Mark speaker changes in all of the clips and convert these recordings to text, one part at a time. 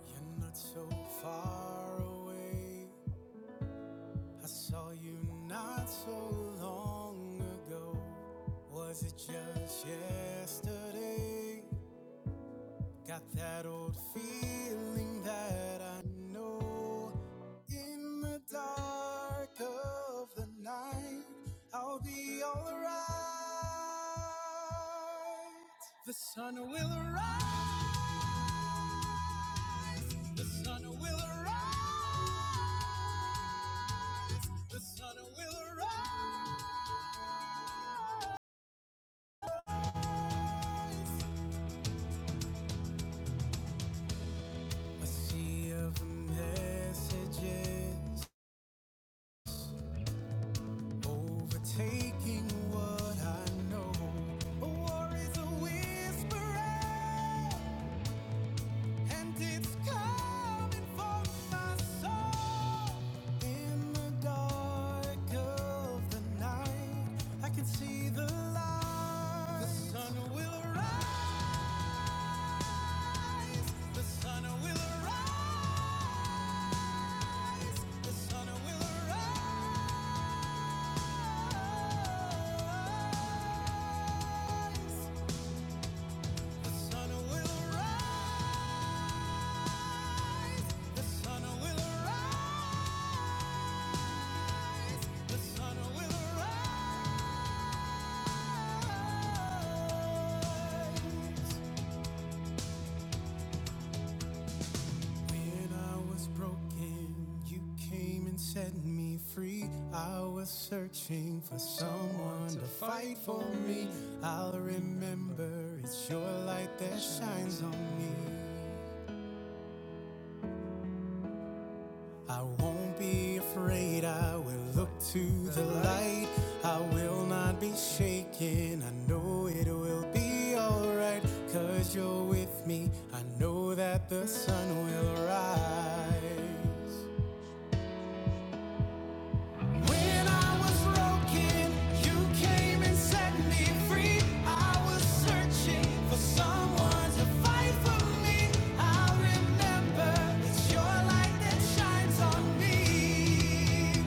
Speaker 1: You're not so far away. I saw you not so long ago. Was it just yesterday? Got that old feeling that I know. In the dark of the night, I'll be alright. The sun will arise. The sun will arise. The sun will arise. A sea of messages overtaking what I know. A war is a whisperer, and it's coming for my soul. In the dark of the night, I can see the light. The sun will rise. The sun will rise. The sun will rise. When I was broken, you came and set me free. I was searching for someone to fight for me. I'll remember it's your light that shines on me. I won't be afraid, I will look to the light. I will not be shaken, I know it will be alright. Cause you're with me, I know that the sun will rise. When I was broken, you came and set me free. I was searching for someone to fight for me. I remember it's your light that shines on me.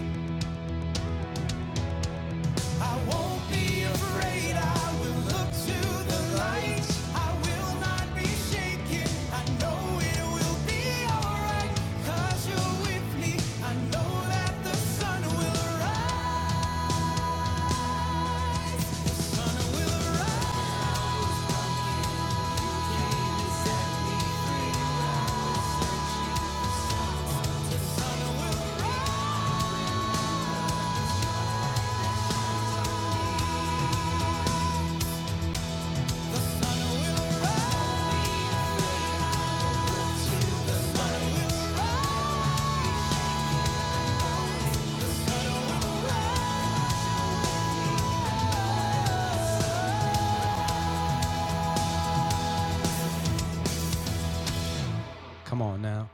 Speaker 1: Come on now.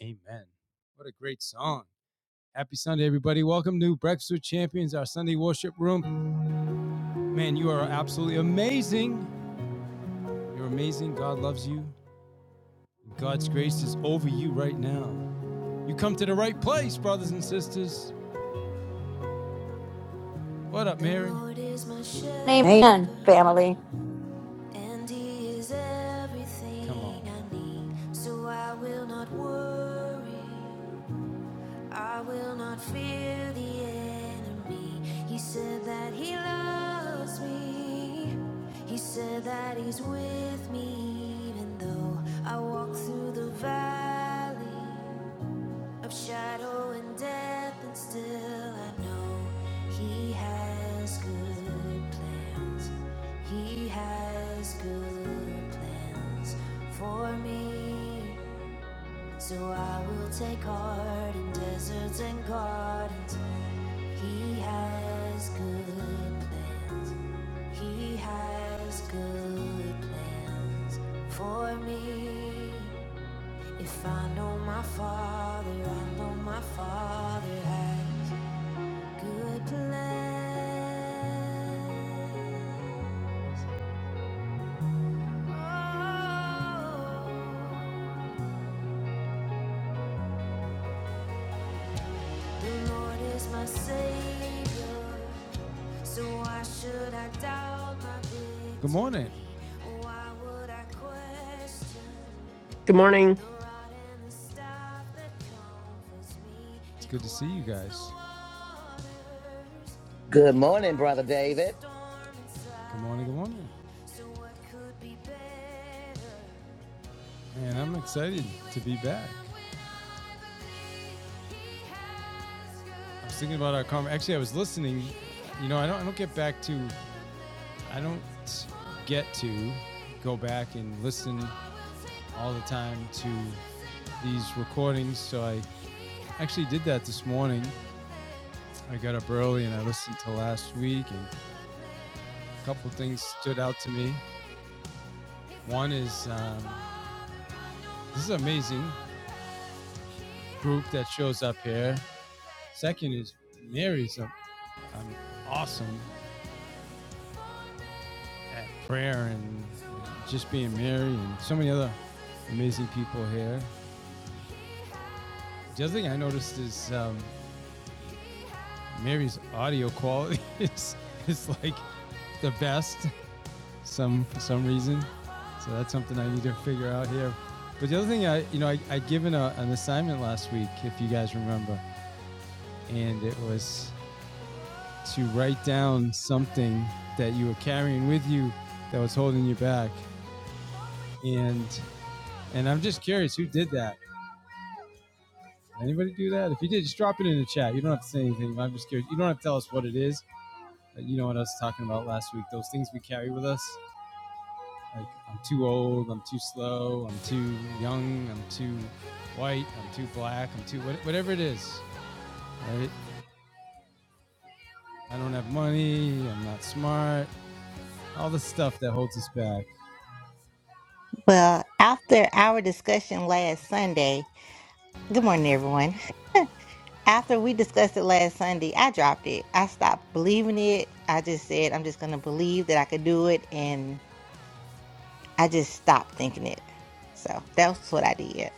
Speaker 1: Amen. What a great song. Happy Sunday, everybody. Welcome to Breakfast with Champions, our Sunday worship room. Man, you are absolutely amazing. You're amazing. God loves you. God's grace is over you right now. You come to the right place, brothers and sisters. What up, Mary? The Lord is my shepherd,
Speaker 2: Amen, family.
Speaker 1: and he is everything Come on. I need. So I will not worry, I will not fear the enemy. He said that he loves me, he said that he's with me, even though I walk through the valley of shadow and death, and still I know He has good plans. He has good plans for me. So I will take heart in deserts and gardens. He has good plans. He has good plans for me. If I know my father, I know my father has good plans. Oh, the Lord is my savior, so why should I doubt my victory? Good morning. Why would I question
Speaker 3: Good morning.
Speaker 1: It's good to see you guys.
Speaker 4: Good morning, Brother David.
Speaker 1: Good morning, good morning. Man, I'm excited to be back. I was thinking about our conversation. Actually, I was listening. You know, I don't, I don't get back to, I don't get to go back and listen all the time to these recordings. So I actually did that this morning I got up early and I listened to last week, and a couple things stood out to me. One is um, this is an amazing group that shows up here. Second is Mary's a, um, awesome at prayer and just being Mary, and so many other amazing people here. The other thing I noticed is um, Mary's audio quality is, is like the best. some for some reason. So that's something I need to figure out here. But the other thing I you know I I given a, an assignment last week if you guys remember, and it was to write down something that you were carrying with you that was holding you back. And and I'm just curious who did that. Anybody do that? If you did, just drop it in the chat. You don't have to say anything. I'm just curious. You don't have to tell us what it is. You know what I was talking about last week? Those things we carry with us Like I'm too old, I'm too slow, I'm too young, I'm too white, I'm too black, I'm too whatever it is, right? I don't have money, I'm not smart, all the stuff that holds us back.
Speaker 5: Well, after our discussion last Sunday, good morning, everyone. After we discussed it last Sunday, I dropped it. I stopped believing it. I just said, I'm just going to believe that I could do it. And I just stopped thinking it. So that's what I did.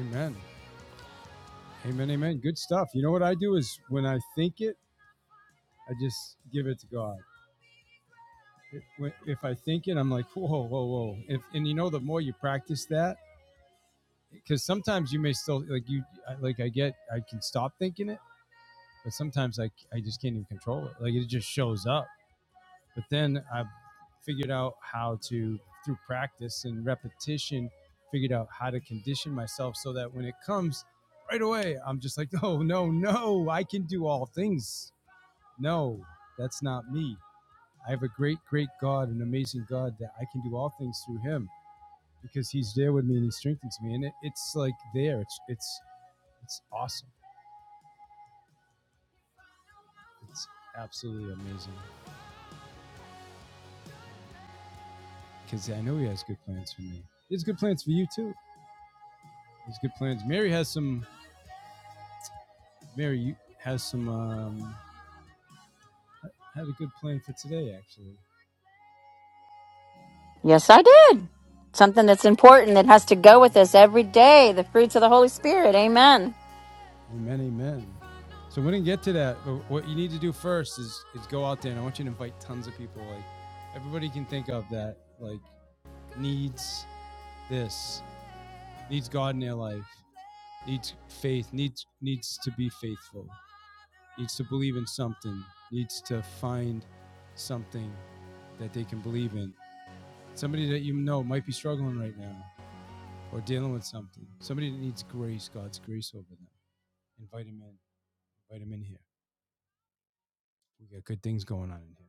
Speaker 1: Amen. Amen. Amen. Good stuff. You know what I do is when I think it, I just give it to God. If I think it, I'm like, whoa, whoa, whoa. If, and you know, the more you practice that, because sometimes you may still like you, like I get, I can stop thinking it, but sometimes I, I just can't even control it. Like it just shows up. But then I figured out how to, through practice and repetition, figured out how to condition myself so that when it comes right away, I'm just like, no, no, no, I can do all things. No, that's not me. I have a great, great God, an amazing God that I can do all things through Him because He's there with me and He strengthens me. And it, it's like there. It's it's it's awesome. It's absolutely amazing because I know He has good plans for me. He has good plans for you too. He has good plans. Mary has some Mary you has some um, had a good plan for today, actually.
Speaker 2: Yes, I did. Something that's important that has to go with us every day the fruits of the Holy Spirit. Amen.
Speaker 1: Amen, amen. So we didn't get to that, but what you need to do first is is go out there, and I want you to invite tons of people. Like everybody can think of that, like needs this, needs God in their life, needs faith, needs needs to be faithful, needs to believe in something, needs to find something that they can believe in. Somebody that you know might be struggling right now or dealing with something, somebody that needs grace, God's grace over them, invite him in. Invite him in here. We got good things going on in here.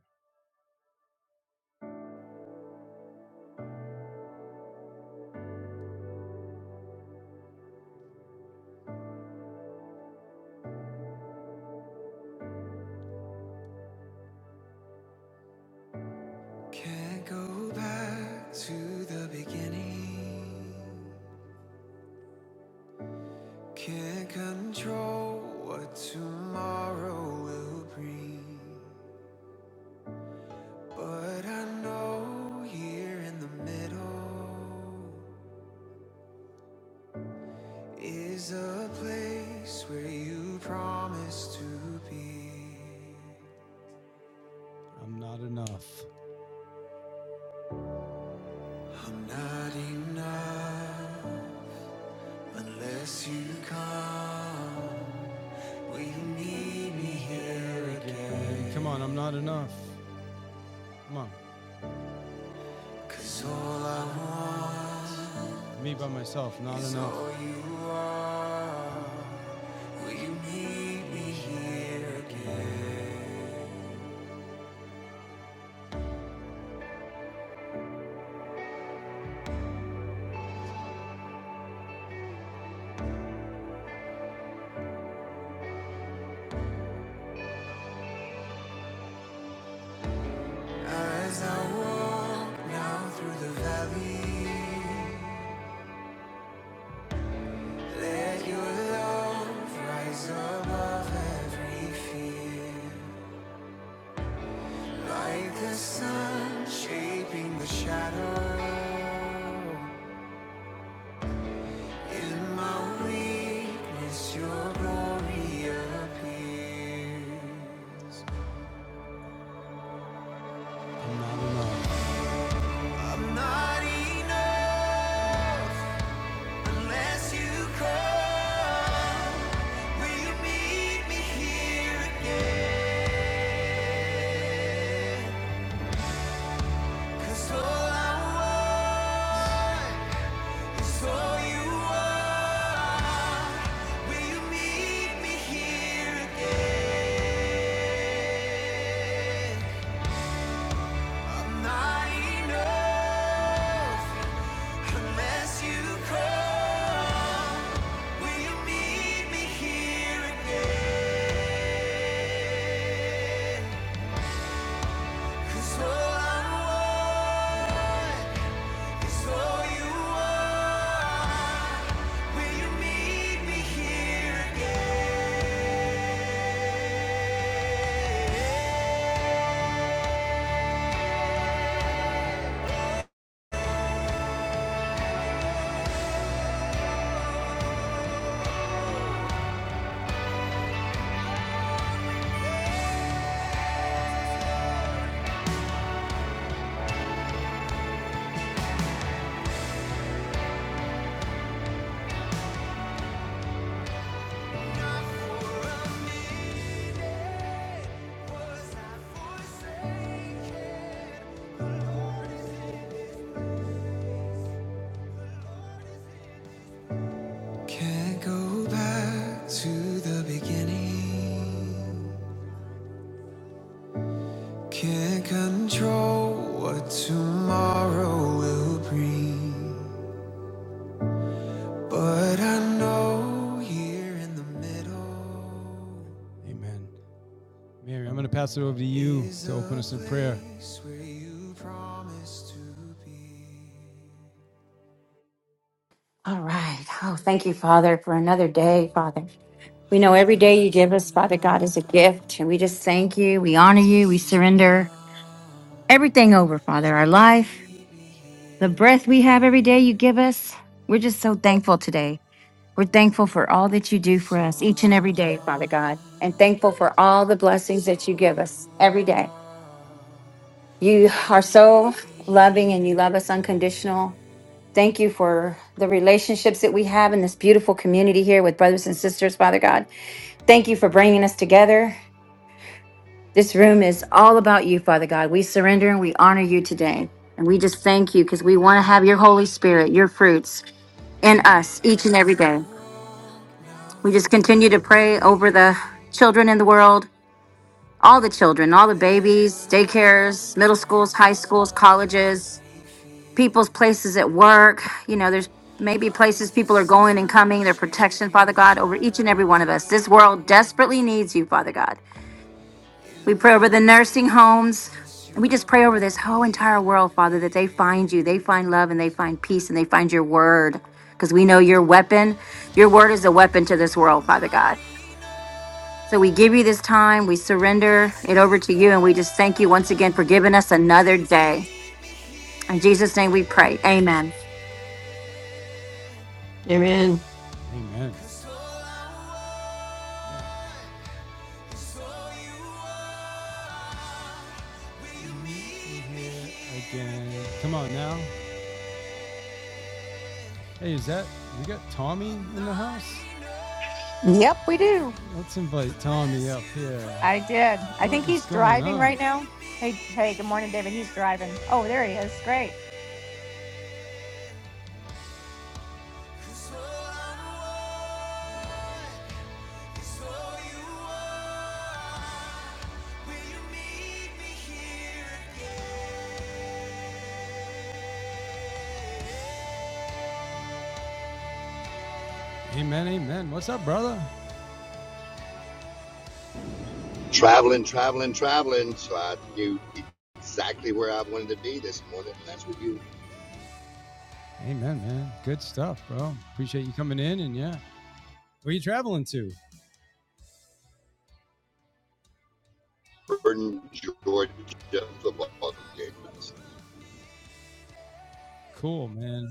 Speaker 1: Can't go back to the beginning. Can't control what tomorrow will bring. But I know here in the middle is a place where you promised to be. I'm not enough. I'm not enough unless you come. Will you need me here again? Come on, I'm not enough. Come on. 'Cause all I want Me by myself, not is enough. all you are. Will you need me here again? As I walk now through the valley, let your love rise above every fear. Like the sun shaping the shadow. In my weakness, your glory appears. I'm not enough unless you come. Will you meet me here again? 'Cause all I want. So you are, will you meet me here again? I'm not enough unless you come. Will you meet me here again? 'Cause all I want is all you are. Can't control what tomorrow will bring. But I know here in the middle Amen. Mary, I'm going to pass it over to you to open us in prayer.
Speaker 2: All right. Oh, thank you, Father, for another day, Father. We
Speaker 1: I'm
Speaker 2: know every day
Speaker 1: not
Speaker 2: you give us, Father God, is a
Speaker 1: enough
Speaker 2: gift. And we just thank you. We honor
Speaker 1: unless
Speaker 2: you. We
Speaker 1: you
Speaker 2: surrender
Speaker 1: come.
Speaker 2: everything over, Father, our
Speaker 1: Wake me
Speaker 2: life,
Speaker 1: be
Speaker 2: the
Speaker 1: here
Speaker 2: breath we have
Speaker 1: again?
Speaker 2: every day you give us. We're just so thankful today. We're thankful for all that you do
Speaker 1: 'Cause
Speaker 2: for us
Speaker 1: all
Speaker 2: each
Speaker 1: I
Speaker 2: and every day, Father God, and
Speaker 1: want
Speaker 2: thankful for all the
Speaker 1: is
Speaker 2: blessings that you
Speaker 1: all
Speaker 2: give
Speaker 1: you
Speaker 2: us every day.
Speaker 1: are. Will
Speaker 2: You
Speaker 1: you
Speaker 2: are
Speaker 1: meet
Speaker 2: so
Speaker 1: me
Speaker 2: loving and you
Speaker 1: here
Speaker 2: love us
Speaker 1: again?
Speaker 2: unconditional. Thank you for the relationships that we have in this beautiful community here with brothers and sisters, Father God. Thank you for bringing us together. This room is all about you, Father God. We surrender and we honor you today. And we just thank you because we want to have your Holy Spirit, your fruits in us each and
Speaker 1: As
Speaker 2: every
Speaker 1: I
Speaker 2: day.
Speaker 1: walk now
Speaker 2: We just
Speaker 1: through the
Speaker 2: continue to pray
Speaker 1: valley,
Speaker 2: over the children in the world, all the children, all the
Speaker 1: let your
Speaker 2: babies,
Speaker 1: love
Speaker 2: daycares, middle schools,
Speaker 1: rise
Speaker 2: high schools,
Speaker 1: above
Speaker 2: colleges,
Speaker 1: every fear.
Speaker 2: people's places at work. You know, there's maybe
Speaker 1: Like
Speaker 2: places
Speaker 1: the
Speaker 2: people are going and
Speaker 1: sun
Speaker 2: coming, their protection,
Speaker 1: shaping
Speaker 2: Father
Speaker 1: the
Speaker 2: God, over each and
Speaker 1: shadow.
Speaker 2: every one of us. This world desperately needs you, Father God. We
Speaker 1: In
Speaker 2: pray over
Speaker 1: my
Speaker 2: the nursing homes.
Speaker 1: weakness,
Speaker 2: And we
Speaker 1: your
Speaker 2: just pray over this whole
Speaker 1: glory
Speaker 2: entire world, Father, that they find you, they find love, and
Speaker 1: appears.
Speaker 2: they find peace, and they find your word. Because we know your weapon, your word is a weapon to this
Speaker 1: I'm
Speaker 2: world, Father
Speaker 1: not
Speaker 2: God.
Speaker 1: enough
Speaker 2: So we give you this time, we surrender
Speaker 1: unless
Speaker 2: it over
Speaker 1: you
Speaker 2: to you, and we just thank you once again
Speaker 1: come.
Speaker 2: for giving us
Speaker 1: Will
Speaker 2: another
Speaker 1: you
Speaker 2: day.
Speaker 1: meet me
Speaker 2: In
Speaker 1: here
Speaker 2: Jesus' name we pray. Amen.
Speaker 1: again?
Speaker 3: Amen.
Speaker 1: Amen. Cause all I want is all you are. Will you be Here here again. Come on now. Hey, is that we got Tommy in the house?
Speaker 6: Yep, we do.
Speaker 1: Let's invite Tommy up here.
Speaker 6: I did. I
Speaker 1: What
Speaker 6: think
Speaker 1: is
Speaker 6: he's
Speaker 1: going
Speaker 6: driving
Speaker 1: on?
Speaker 6: right now. Hey, hey, good morning, David. He's driving. Oh, there he is. Great.
Speaker 1: Amen, amen. What's up, brother?
Speaker 7: traveling, traveling, traveling. So I knew exactly where I wanted to be this morning, and that's with you.
Speaker 1: Amen, man. Good stuff, bro. Appreciate you coming in and yeah. Where are you traveling to?
Speaker 7: Jordan, Georgia football game.
Speaker 1: Cool, man.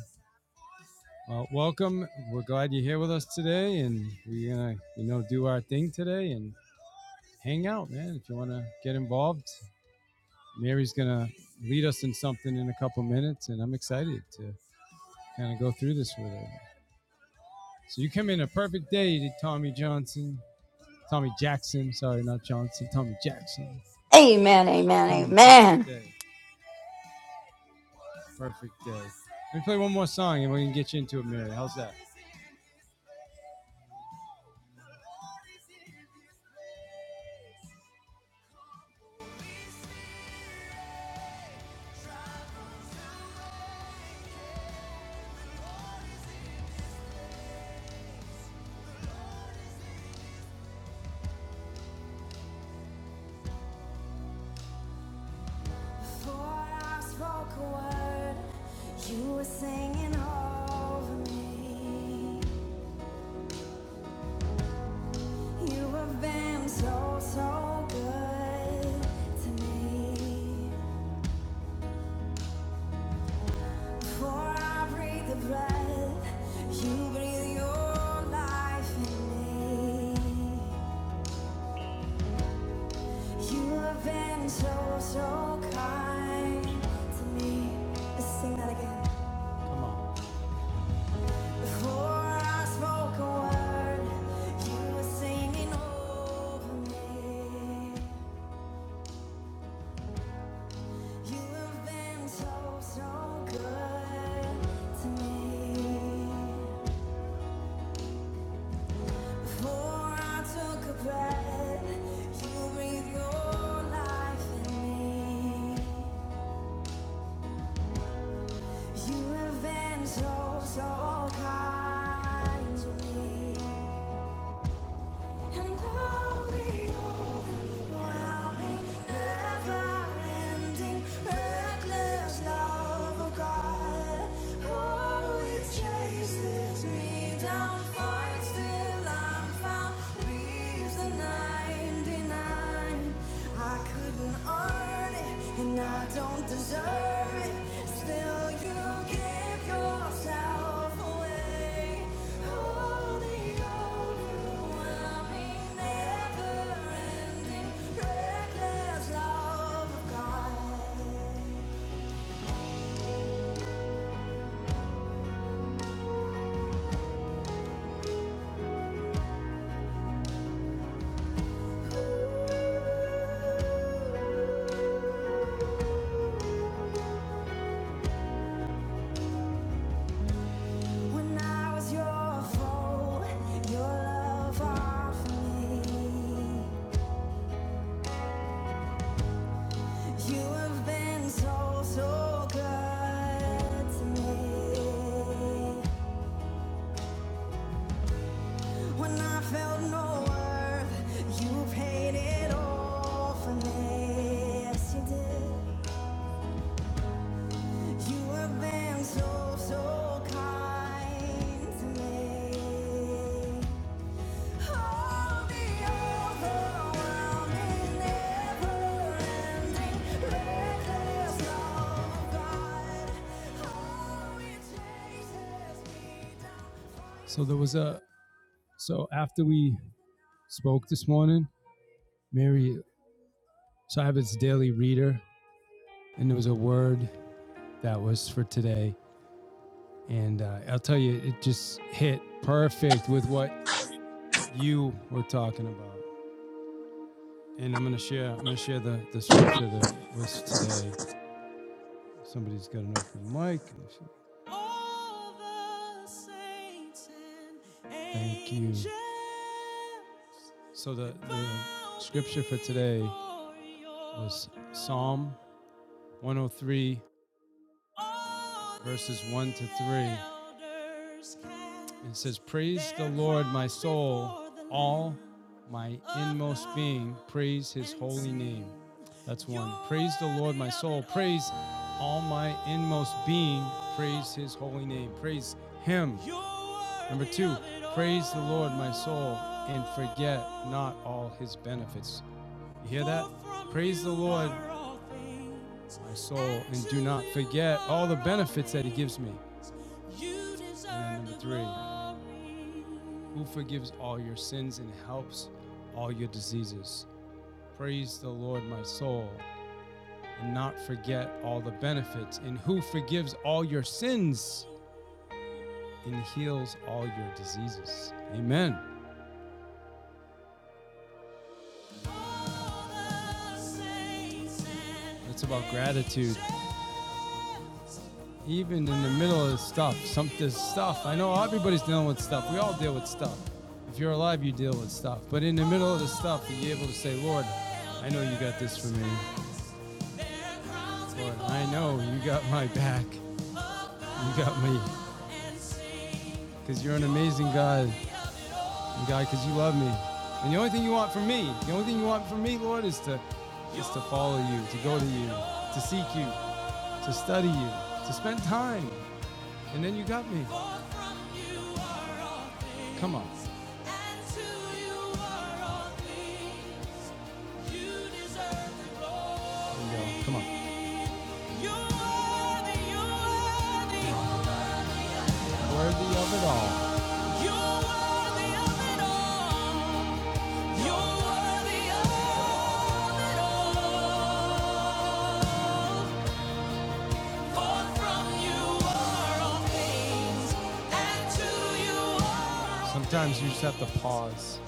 Speaker 1: Well, welcome. We're glad you're here with us today, and we're gonna, you know, do our thing today and hang out, man. If you want to get involved, Mary's gonna lead us in something in a couple minutes, and I'm excited to kind of go through this with her. So you come in a perfect day to Tommy Johnson, Tommy Jackson. Sorry, not Johnson, Tommy Jackson.
Speaker 2: Amen, amen,
Speaker 1: Come in a perfect
Speaker 2: amen.
Speaker 1: day, perfect day. Let me play one more song, and we can get you into it, Mary. How's that? Before I spoke a word, you were singing over me. You have been so, so good to me. Before I breathe the breath, you breathe your life in me. You have been so, so kind to me. Let's sing that again. Before I spoke a word, you were singing over me. You have been so, so good to me. Before I took a breath, you breathed your life in me. You have been so, so kind to me. And all we I couldn't and I don't deserve it. Still, you give yourself away. Holding on, overwhelming, never-ending, reckless love of God. When I was your foe, your love offered me. You have been so, so good to me. When I felt no worth, you paid it all for me. Yes, you did. You have been so, so kind to me. Oh, the overwhelming. So there was a so after we spoke this morning, Mary so I have its daily reader, and there was a word that was for today, and uh, I'll tell you, it just hit perfect with what you were talking about. And I'm gonna share. I'm gonna share the the scripture that was today. Somebody's got an open mic. All the saints and Thank you. So the, the scripture for today was Psalm 103, verses 1 to 3. It says, Praise the Lord, my soul, all my inmost being, praise his holy name. That's one. Praise the Lord, my soul, praise all my inmost being, praise his holy name, praise him. Number two, praise the Lord, my soul, and forget not all his benefits. You hear that? Praise the Lord, my soul, and do not forget all the benefits that He gives me. And number three, who forgives all your sins and helps all your diseases. Praise the Lord, my soul, and not forget all the benefits, and who forgives all your sins and heals all your diseases. Amen. It's about gratitude. even in the middle of this stuff, some there's stuff. I know everybody's dealing with stuff. We all deal with stuff. If you're alive, you deal with stuff. But in the middle of the stuff, to be able to say, Lord, I know you got this for me. Lord, I know you got my back. You got me. Because you're an amazing God. And God, because you love me. And the only thing you want from me, the only thing you want from me, Lord, is to is to follow you, to go to you, to seek you, to study you, to spend time And then you got me. For from you are all things. Come on. And to you are all things. You deserve the glory. There you go. Come on. You're Worthy you're worthy. You're worthy of worthy of it all. You're worthy of it all. You're worthy of it all. Sometimes you just have to pause,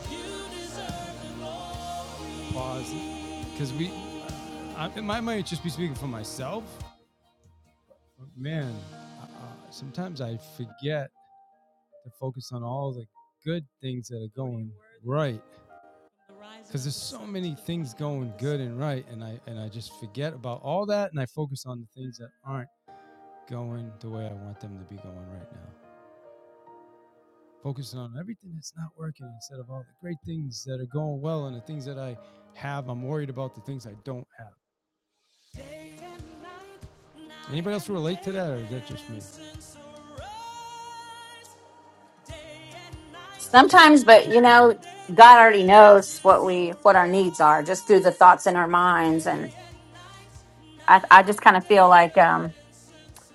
Speaker 1: pause, because we, I, I might just be speaking for myself. But man, uh, sometimes I forget to focus on all the good things that are going right, because there's so many things going good and right, and I and I just forget about all that, and I focus on the things that aren't going the way I want them to be going right now. focusing on everything that's not working instead of all the great things that are going well and the things that I have. I'm worried about the things I don't have. Anybody else relate to that, or is that just me? Just,
Speaker 2: Sometimes, but you
Speaker 1: just me.
Speaker 2: know, God already knows what we what our needs are just through the thoughts in our minds, and I, I just kind of feel like um,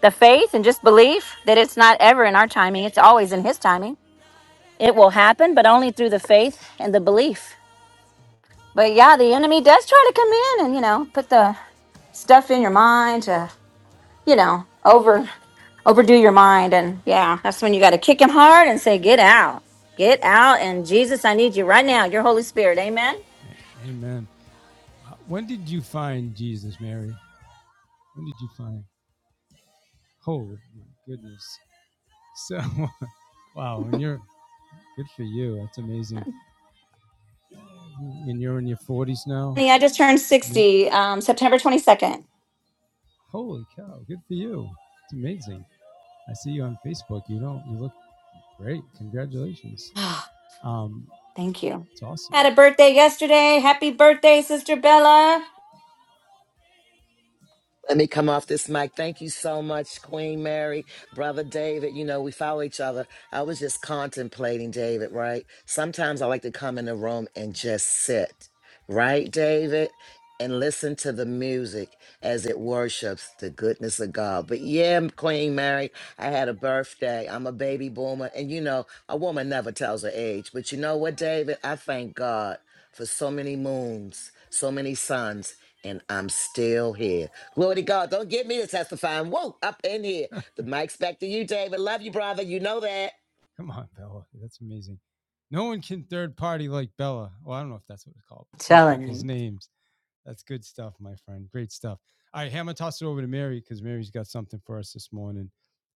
Speaker 2: the faith and just belief that it's not ever in our timing; it's always in His timing. It will happen, but only through the faith and the belief. But yeah, the enemy does try to come in and you know put the stuff in your mind to you know over. overdo your mind and yeah that's when you got to kick him hard and say get out get out and jesus i need you right now your holy spirit amen
Speaker 1: Amen. Uh, When did you find Jesus, Mary? When did you find? Oh my goodness! So wow, and you're good for you. That's amazing. And you're in your 40s now.
Speaker 2: Honey, i just turned 60 um, september 22nd
Speaker 1: Holy cow! Good for you. It's amazing. I see you on Facebook. You don't. You look great. Congratulations. Um,
Speaker 2: thank you
Speaker 1: it's awesome.
Speaker 2: had a birthday yesterday happy birthday sister bella
Speaker 4: Let me come off this mic. Thank you so much, Queen Mary, Brother David. You know, we follow each other. I was just contemplating David, right? Sometimes I like to come in the room and just sit, right, David? And listen to the music as it worships the goodness of God. But yeah, Queen Mary, I had a birthday. I'm a baby boomer. And you know, a woman never tells her age. But you know what, David? I thank God for so many moons, so many suns, and I'm still here. Glory to God. Don't get me to testify. Whoa, up in here. The mic's back to you, David. Love you, brother. You know that.
Speaker 1: Come on, Bella. That's amazing. No one can third party like Bella. Well, I don't know if that's what it's called, but use
Speaker 2: telling
Speaker 1: people's
Speaker 2: you.
Speaker 1: names. That's good stuff, my friend. Great stuff. All right, hey, I'm gonna toss it over to Mary because Mary's got something for us this morning,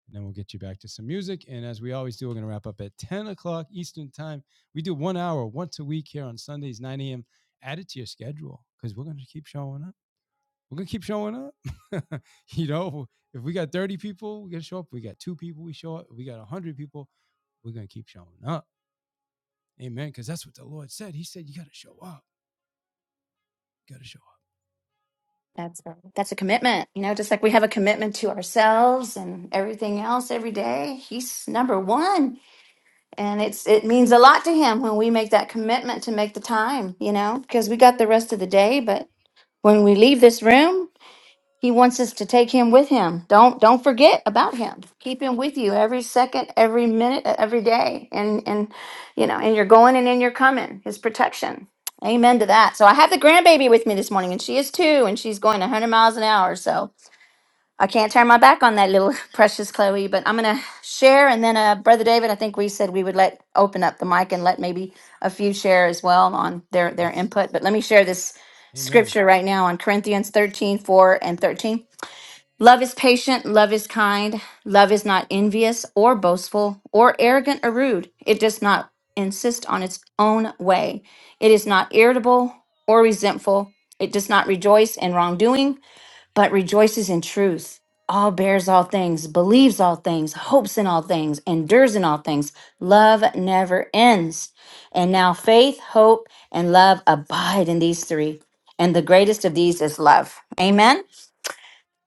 Speaker 1: and then we'll get you back to some music. And as we always do, we're gonna wrap up at 10 o'clock Eastern time. We do one hour once a week here on Sundays, 9 a.m. Add it to your schedule because we're gonna keep showing up. we're gonna keep showing up. you know, if we got 30 people, we're gonna show up. If we got two people, we show up. If we got one hundred people, we're gonna keep showing up. Amen. Because that's what the Lord said. He said, You gotta show up. You gotta show up.
Speaker 2: that's a, that's a commitment you know just like we have a commitment to ourselves and everything else every day he's number one and it's it means a lot to him when we make that commitment to make the time you know because we got the rest of the day but when we leave this room he wants us to take him with him don't don't forget about him keep him with you every second every minute uh, every day and and you know and you're going and in your coming his protection amen to that so i have the grandbaby with me this morning and she is two and she's going 100 miles an hour so I can't turn my back on that little
Speaker 1: Darkness tried to
Speaker 2: precious Chloe,
Speaker 1: hide,
Speaker 2: but
Speaker 1: and
Speaker 2: I'm going to
Speaker 1: trembles
Speaker 2: share. And then, uh, Brother David, I think we said we would let open up the mic and let maybe a
Speaker 1: at
Speaker 2: few
Speaker 1: his voice,
Speaker 2: share as well on their, their
Speaker 1: Let's.
Speaker 2: input. But let me share this
Speaker 1: Amen.
Speaker 2: scripture right now on Corinthians 13:4 and 13. Love is patient, love is kind, love is not envious or boastful or arrogant or rude. It does not insist on its own way, it is not irritable or resentful, it does not rejoice in wrongdoing but rejoices in truth, all bears all things, believes all things, hopes in all things, endures in all things. Love never ends. And now faith, hope, and love abide in these three. And the greatest of these is love. Amen.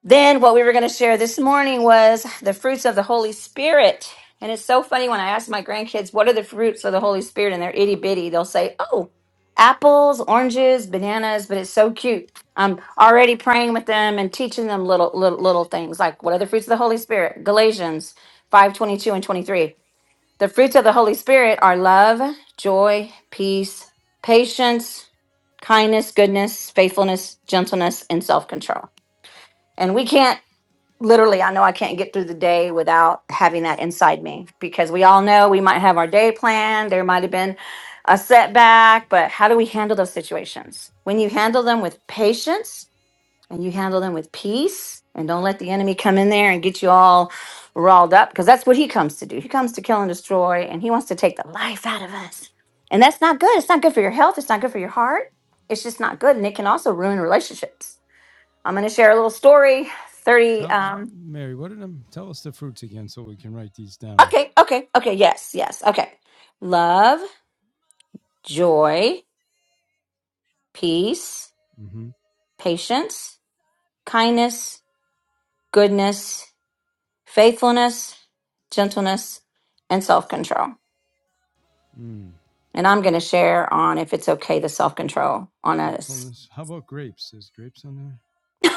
Speaker 2: Then, what we were going to share this morning was the fruits of the Holy Spirit. And it's so funny when I ask my grandkids, What are the fruits of the Holy Spirit? And they're itty bitty. They'll say, Oh, apples, oranges, bananas. But it's so cute. I'm already praying with them and teaching them little, little, little things like, What are the fruits of the Holy Spirit? Galatians 5:22 and 23. The fruits of the Holy Spirit are love, joy, peace, patience, kindness, goodness, faithfulness, gentleness, and self control. And we can't literally i know i can't get through the day without having that inside me because we all know we might have our day planned there might have been a setback but how do we handle those situations when you handle them with patience and you handle them with peace and don't let the enemy come in there and get you all riled up because that's what he comes to do he comes to kill and destroy and he wants to take the life out of us and that's not good it's not good for your health it's not good for your heart it's just not good and it can also ruin relationships i'm going to share a little story 30
Speaker 1: Tell
Speaker 2: um,
Speaker 1: Mary, what did I tell us the fruits again so we can write these down?
Speaker 2: Okay, okay, okay. Yes, yes. Okay. Love, joy, peace,
Speaker 1: Mm-hmm.
Speaker 2: patience, kindness, goodness, faithfulness, gentleness, and self control.
Speaker 1: Mm.
Speaker 2: And I'm going to share on if it's okay the self control on us.
Speaker 1: Gratefulness. How about grapes? Is grapes on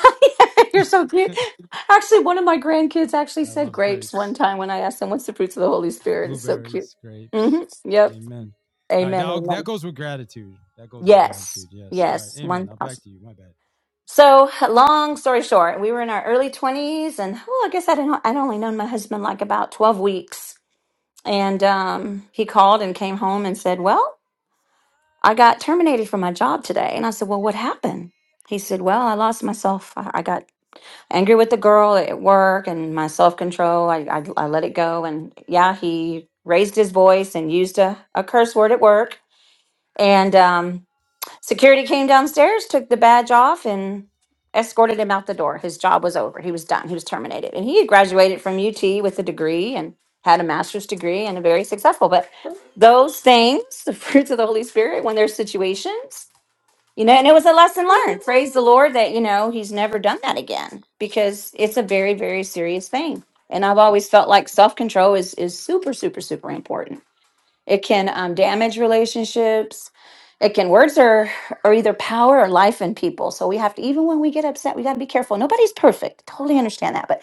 Speaker 2: You're so cute.
Speaker 1: there?
Speaker 2: Actually, one of my grandkids actually
Speaker 1: I
Speaker 2: said
Speaker 1: love
Speaker 2: grapes one
Speaker 1: grapes.
Speaker 2: time when I asked them, What's the fruits of the Holy Spirit? It's so cute.
Speaker 1: Blueberries,
Speaker 2: hmm
Speaker 1: grapes.
Speaker 2: Yep.
Speaker 1: Amen. All right,
Speaker 2: Amen.
Speaker 1: now that
Speaker 2: Amen.
Speaker 1: goes with gratitude. That goes with
Speaker 2: Yes.
Speaker 1: gratitude. Yes. All right.
Speaker 2: Yes.
Speaker 1: Amen. I'll
Speaker 2: 1000%.
Speaker 1: back to you. My bad.
Speaker 2: So, long story short, we were in our early 20s, and well, I guess I'd, I'd only known my husband like about 12 weeks. And um, he called and came home and said, Well, I got terminated from my job today. And I said, Well, what happened? He said, Well, I lost myself. I I got angry with the girl at work and my self control. I, I, I let it go. And yeah, he raised his voice and used a, a curse word at work. And um, Security came downstairs, took the badge off, and escorted him out the door. His job was over. He was done. He was terminated. And he had graduated from UT with a degree and had a master's degree and a very successful. But those things, the fruits of the Holy Spirit, when there's situations, you know, and it was a lesson learned. Praise the Lord that, you know, he's never done that again because it's a very, very serious thing. And I've always felt like self control is is super, super, super important it can um, damage relationships. It can words are are either power or life in people. So we have to even when we get upset, we got to be careful. Nobody's perfect. Totally understand that, but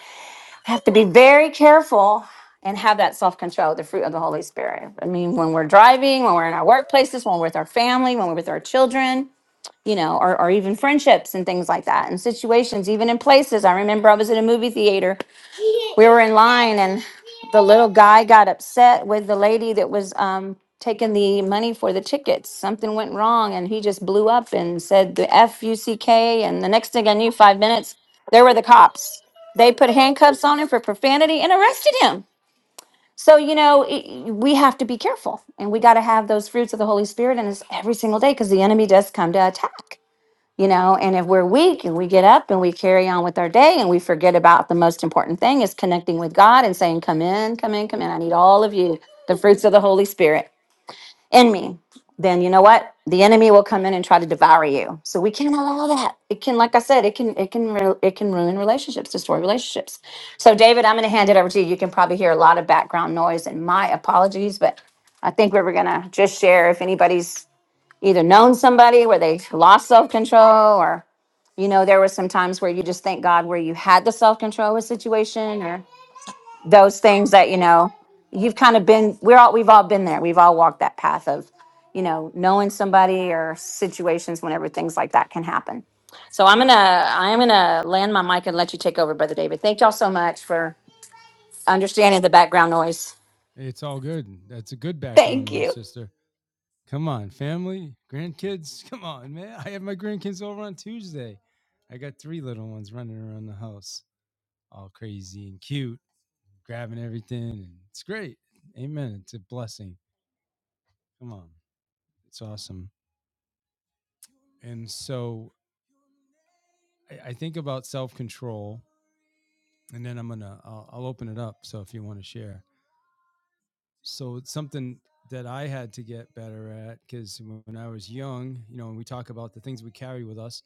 Speaker 2: we have to be very careful and have that self control, the fruit of the Holy Spirit. I mean, when we're driving, when we're in our workplaces, when we're with our family, when we're with our children, you know, or, or even friendships and things like that, and situations, even in places. I remember I was in a movie theater we were in line and the little guy got upset with the lady that was um taking the money for the tickets something went wrong and he just blew up and said the f-u-c-k and the next thing i knew five minutes there were the cops they put handcuffs on him for profanity and arrested him so you know it, we have to be careful and we got to have those fruits of the holy spirit in us every single day because the enemy does come to attack you know and if we're weak and we get up and we carry on with our day and we forget about the most important thing is connecting with god and saying come in come in come in i need all of you the fruits of the holy spirit in me then you know what the enemy will come in and try to devour you so we can't allow that it can like i said it can it can ru- it can ruin relationships destroy relationships so david i'm going to hand it over to you you can probably hear a lot of background noise and my apologies but i think we were going to just share if anybody's either known somebody where they lost self-control or you know, there were some times where you just thank God where you had the self control with situation or those things that, you know, you've kind of been, we're all, we've all been there. We've all walked that path of, you know, knowing somebody or situations whenever things like that can happen. So I'm going to, I am going to land my mic and let you take over, Brother David. Thank y'all so much for understanding the background noise.
Speaker 1: It's all good. That's a good background
Speaker 2: Thank
Speaker 1: noise,
Speaker 2: you.
Speaker 1: sister. Come on, family, grandkids. Come on, man. I have my grandkids over on Tuesday. I got three little ones running around the house, all crazy and cute, grabbing everything, and it's great. Amen. It's a blessing. Come on, it's awesome. And so I, I think about self control, and then I'm gonna I'll, I'll open it up. So if you want to share, so it's something that I had to get better at because when I was young, you know, when we talk about the things we carry with us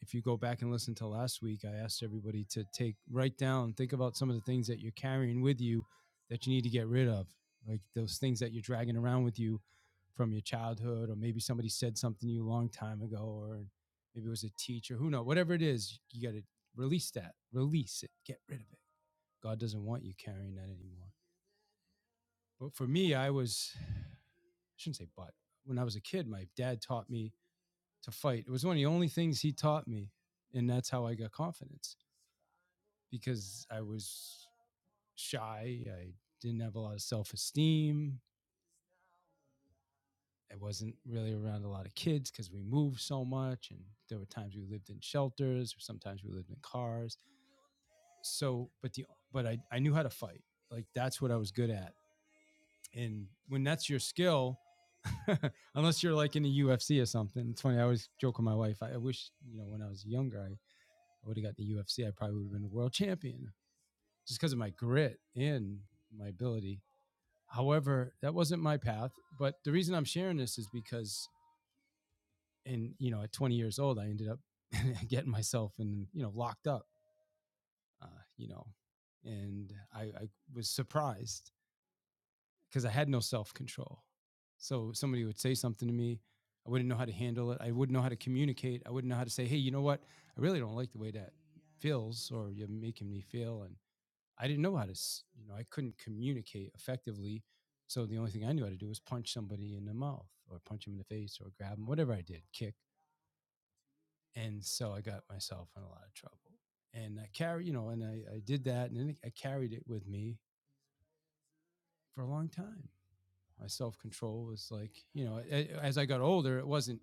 Speaker 1: if you go back and listen to last week, I asked everybody to take write down, think about some of the things that you're carrying with you that you need to get rid of, like those things that you're dragging around with you from your childhood, or maybe somebody said something to you a long time ago, or maybe it was a teacher, who knows, whatever it is, you got to release that, release it, get rid of it. God doesn't want you carrying that anymore. But for me, I was, I shouldn't say but, when I was a kid, my dad taught me to fight. It was one of the only things he taught me. And that's how I got confidence because I was shy. I didn't have a lot of self esteem. I wasn't really around a lot of kids because we moved so much, and there were times we lived in shelters, or sometimes we lived in cars. So, but the but I I knew how to fight. Like that's what I was good at. And when that's your skill, unless you're like in the UFC or something. It's funny. I always joke with my wife. I, I wish you know when I was younger, I, I would have got the UFC. I probably would have been a world champion just because of my grit and my ability However, that wasn't my path. But the reason I'm sharing this is because, in you know, at 20 years old, I ended up getting myself in you know locked up, uh, you know, and I, I was surprised because I had no self control. So somebody would say something to me, I wouldn't know how to handle it. I wouldn't know how to communicate. I wouldn't know how to say, hey, you know what? I really don't like the way that feels, or you're making me feel, and I didn't know how to, you know, I couldn't communicate effectively. So the only thing I knew how to do was punch somebody in the mouth or punch him in the face or grab him, whatever I did, kick. And so I got myself in a lot of trouble. And I carry, you know, and I, I did that and then I carried it with me for a long time. My self control was like, you know, as I got older, it wasn't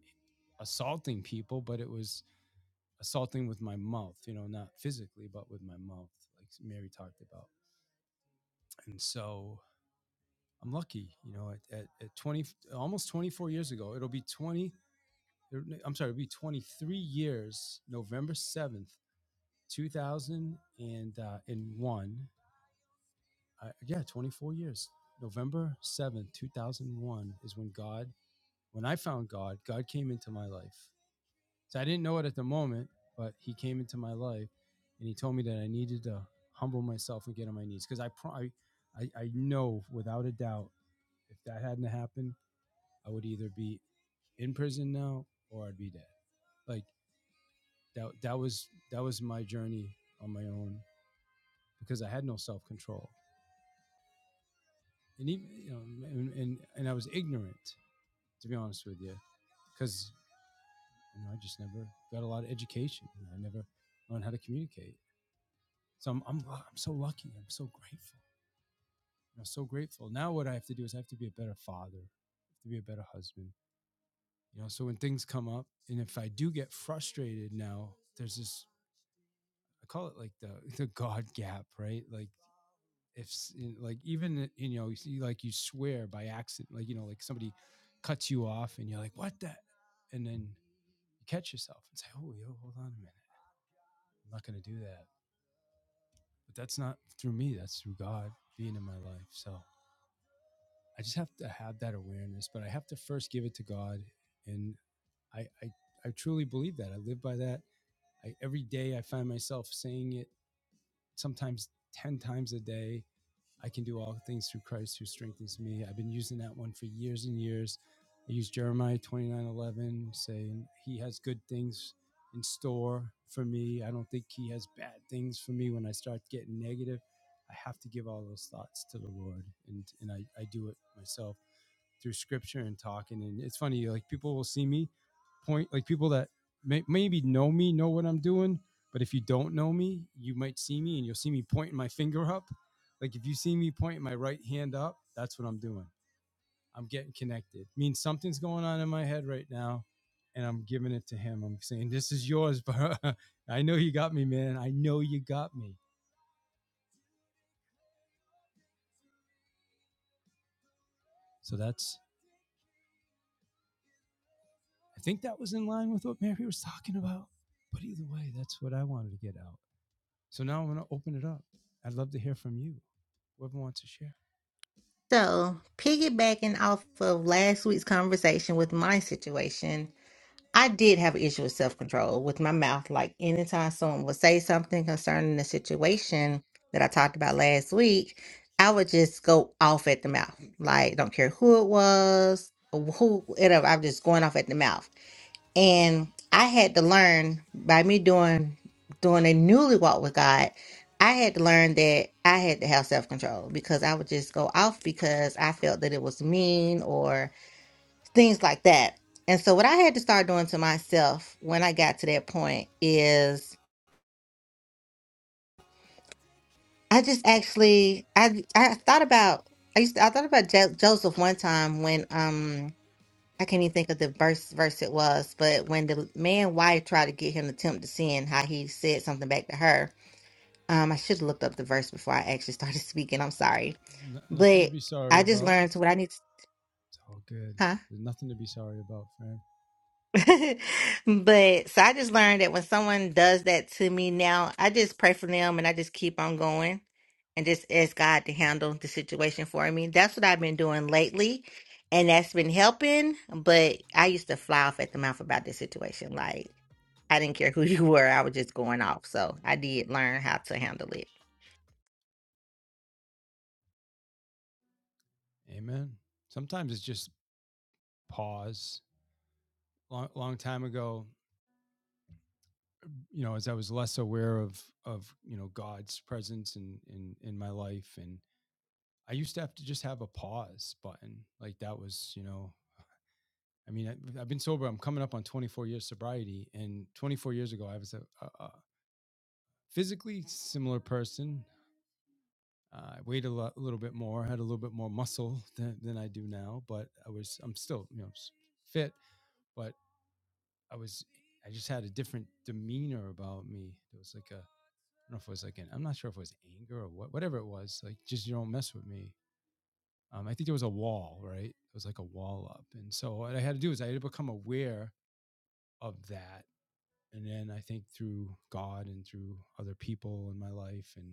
Speaker 1: assaulting people, but it was assaulting with my mouth, you know, not physically, but with my mouth, like Mary talked about. And so I'm lucky, you know, at, at, at 20, almost 24 years ago, it'll be 20, I'm sorry, it'll be 23 years, November 7th, 2001. Uh, yeah, 24 years. November 7th, 2001 is when God, when I found God, God came into my life. So I didn't know it at the moment, but he came into my life and he told me that I needed to humble myself and get on my knees because I, pro- I, I I know without a doubt if that hadn't happened, I would either be in prison now or I'd be dead. Like that that was that was my journey on my own because I had no self control. And even you know and, and and I was ignorant, to be honest with you. Because you know, I just never got a lot of education. I never learned how to communicate. So I'm I'm, I'm so lucky. I'm so grateful. I'm so grateful. Now what I have to do is I have to be a better father, I have to be a better husband. You know, so when things come up, and if I do get frustrated now, there's this I call it like the the God gap, right? Like if like even you know you like you swear by accident, like you know like somebody cuts you off and you're like what the, and then you catch yourself and say, oh yo, hold on a minute, I'm not gonna do that. But that's not through me. That's through God being in my life. So I just have to have that awareness, but I have to first give it to God, and I I, I truly believe that. I live by that. I, every day I find myself saying it sometimes ten times a day I can do all things through Christ who strengthens me. I've been using that one for years and years. I use Jeremiah 29:11, saying, He has good things in store for me. I don't think He has bad things for me when I start getting negative. I have to give all those thoughts to the Lord, and, and I, I do it myself through scripture and talking. And it's funny, like people will see me point, like people that may, maybe know me know what I'm doing, but if you don't know me, you might see me and you'll see me pointing my finger up. Like if you see me pointing my right hand up, that's what I'm doing. I'm getting connected. It means something's going on in my head right now, and I'm giving it to him. I'm saying, "This is yours, bro. I know you got me, man. I know you got me." So that's. I think that was in line with what Mary was talking about. But either way, that's what I wanted to get out. So now I'm going to open it up. I'd love to hear from you, whoever wants to share.
Speaker 5: So, piggybacking off
Speaker 1: Is
Speaker 5: of last week's
Speaker 1: resurrecting
Speaker 5: conversation with
Speaker 1: me.
Speaker 5: my situation,
Speaker 1: In your
Speaker 5: I
Speaker 1: name
Speaker 5: did
Speaker 1: I
Speaker 5: have an issue
Speaker 1: come
Speaker 5: with self
Speaker 1: alive.
Speaker 5: control with my mouth. Like
Speaker 1: To
Speaker 5: anytime someone
Speaker 1: declare
Speaker 5: would
Speaker 1: your
Speaker 5: say something
Speaker 1: victory. The
Speaker 5: concerning the
Speaker 1: resurrected King is
Speaker 5: situation that I
Speaker 1: resurrecting me.
Speaker 5: talked
Speaker 1: By
Speaker 5: about
Speaker 1: your
Speaker 5: last week, I would just
Speaker 1: spirit
Speaker 5: go off at the mouth.
Speaker 1: I will rise from
Speaker 5: Like don't
Speaker 1: the
Speaker 5: care
Speaker 1: ashes of defeat. The resurrected
Speaker 5: who it
Speaker 1: King
Speaker 5: was, or who it. I'm just going off at the mouth. And I had to learn by me doing doing a newly walk with God. I had to
Speaker 1: is
Speaker 5: learn that I had to have self control
Speaker 1: resurrecting
Speaker 5: because I would just go off
Speaker 1: me.
Speaker 5: because I felt that it was mean or things like that. And so, what I had to start doing to myself when I got to that point is, I just actually, I I thought about, I used, to, I thought about jo- Joseph one time when, um, I can't even think of the verse verse it was, but when the man wife tried to get him to tempt to sin, how he said something back to her. Um, I should have looked up the verse before I actually started speaking. I'm sorry,
Speaker 1: N- nothing to
Speaker 5: but
Speaker 1: be sorry
Speaker 5: I just
Speaker 1: about.
Speaker 5: learned what I need to.
Speaker 1: It's all good.
Speaker 5: Huh?
Speaker 1: There's nothing to be sorry about, friend.
Speaker 5: But so I just learned that when someone does that to me now, I just pray for them and I just keep on going and just ask God to handle the situation for me. That's what I've been doing lately, and that's been helping. But I used to fly off at the mouth about this situation. Like, I didn't care who you were, I was just going off. So I did learn how to handle it.
Speaker 1: Amen. Sometimes it's just pause. Long, long time ago, you know, as I was less aware of of you know God's presence in in in my life, and I used to have to just have a pause button. Like that was, you know, I mean, I, I've been sober. I'm coming up on 24 years sobriety, and 24 years ago, I was a, a, a physically similar person, Uh, I weighed a lot, a little bit more, had a little bit more muscle than, than I do now, but I was, I'm still, you know, fit, but I was, I just had a different demeanor about me. There was like a, I don't know if it was like an, I'm not sure if it was anger or what, whatever it was, like just you don't mess with me. Um, I think there was a wall, right? It was like a wall up. And so what I had to do is I had to become aware of that. And then I think through God and through other people in my life and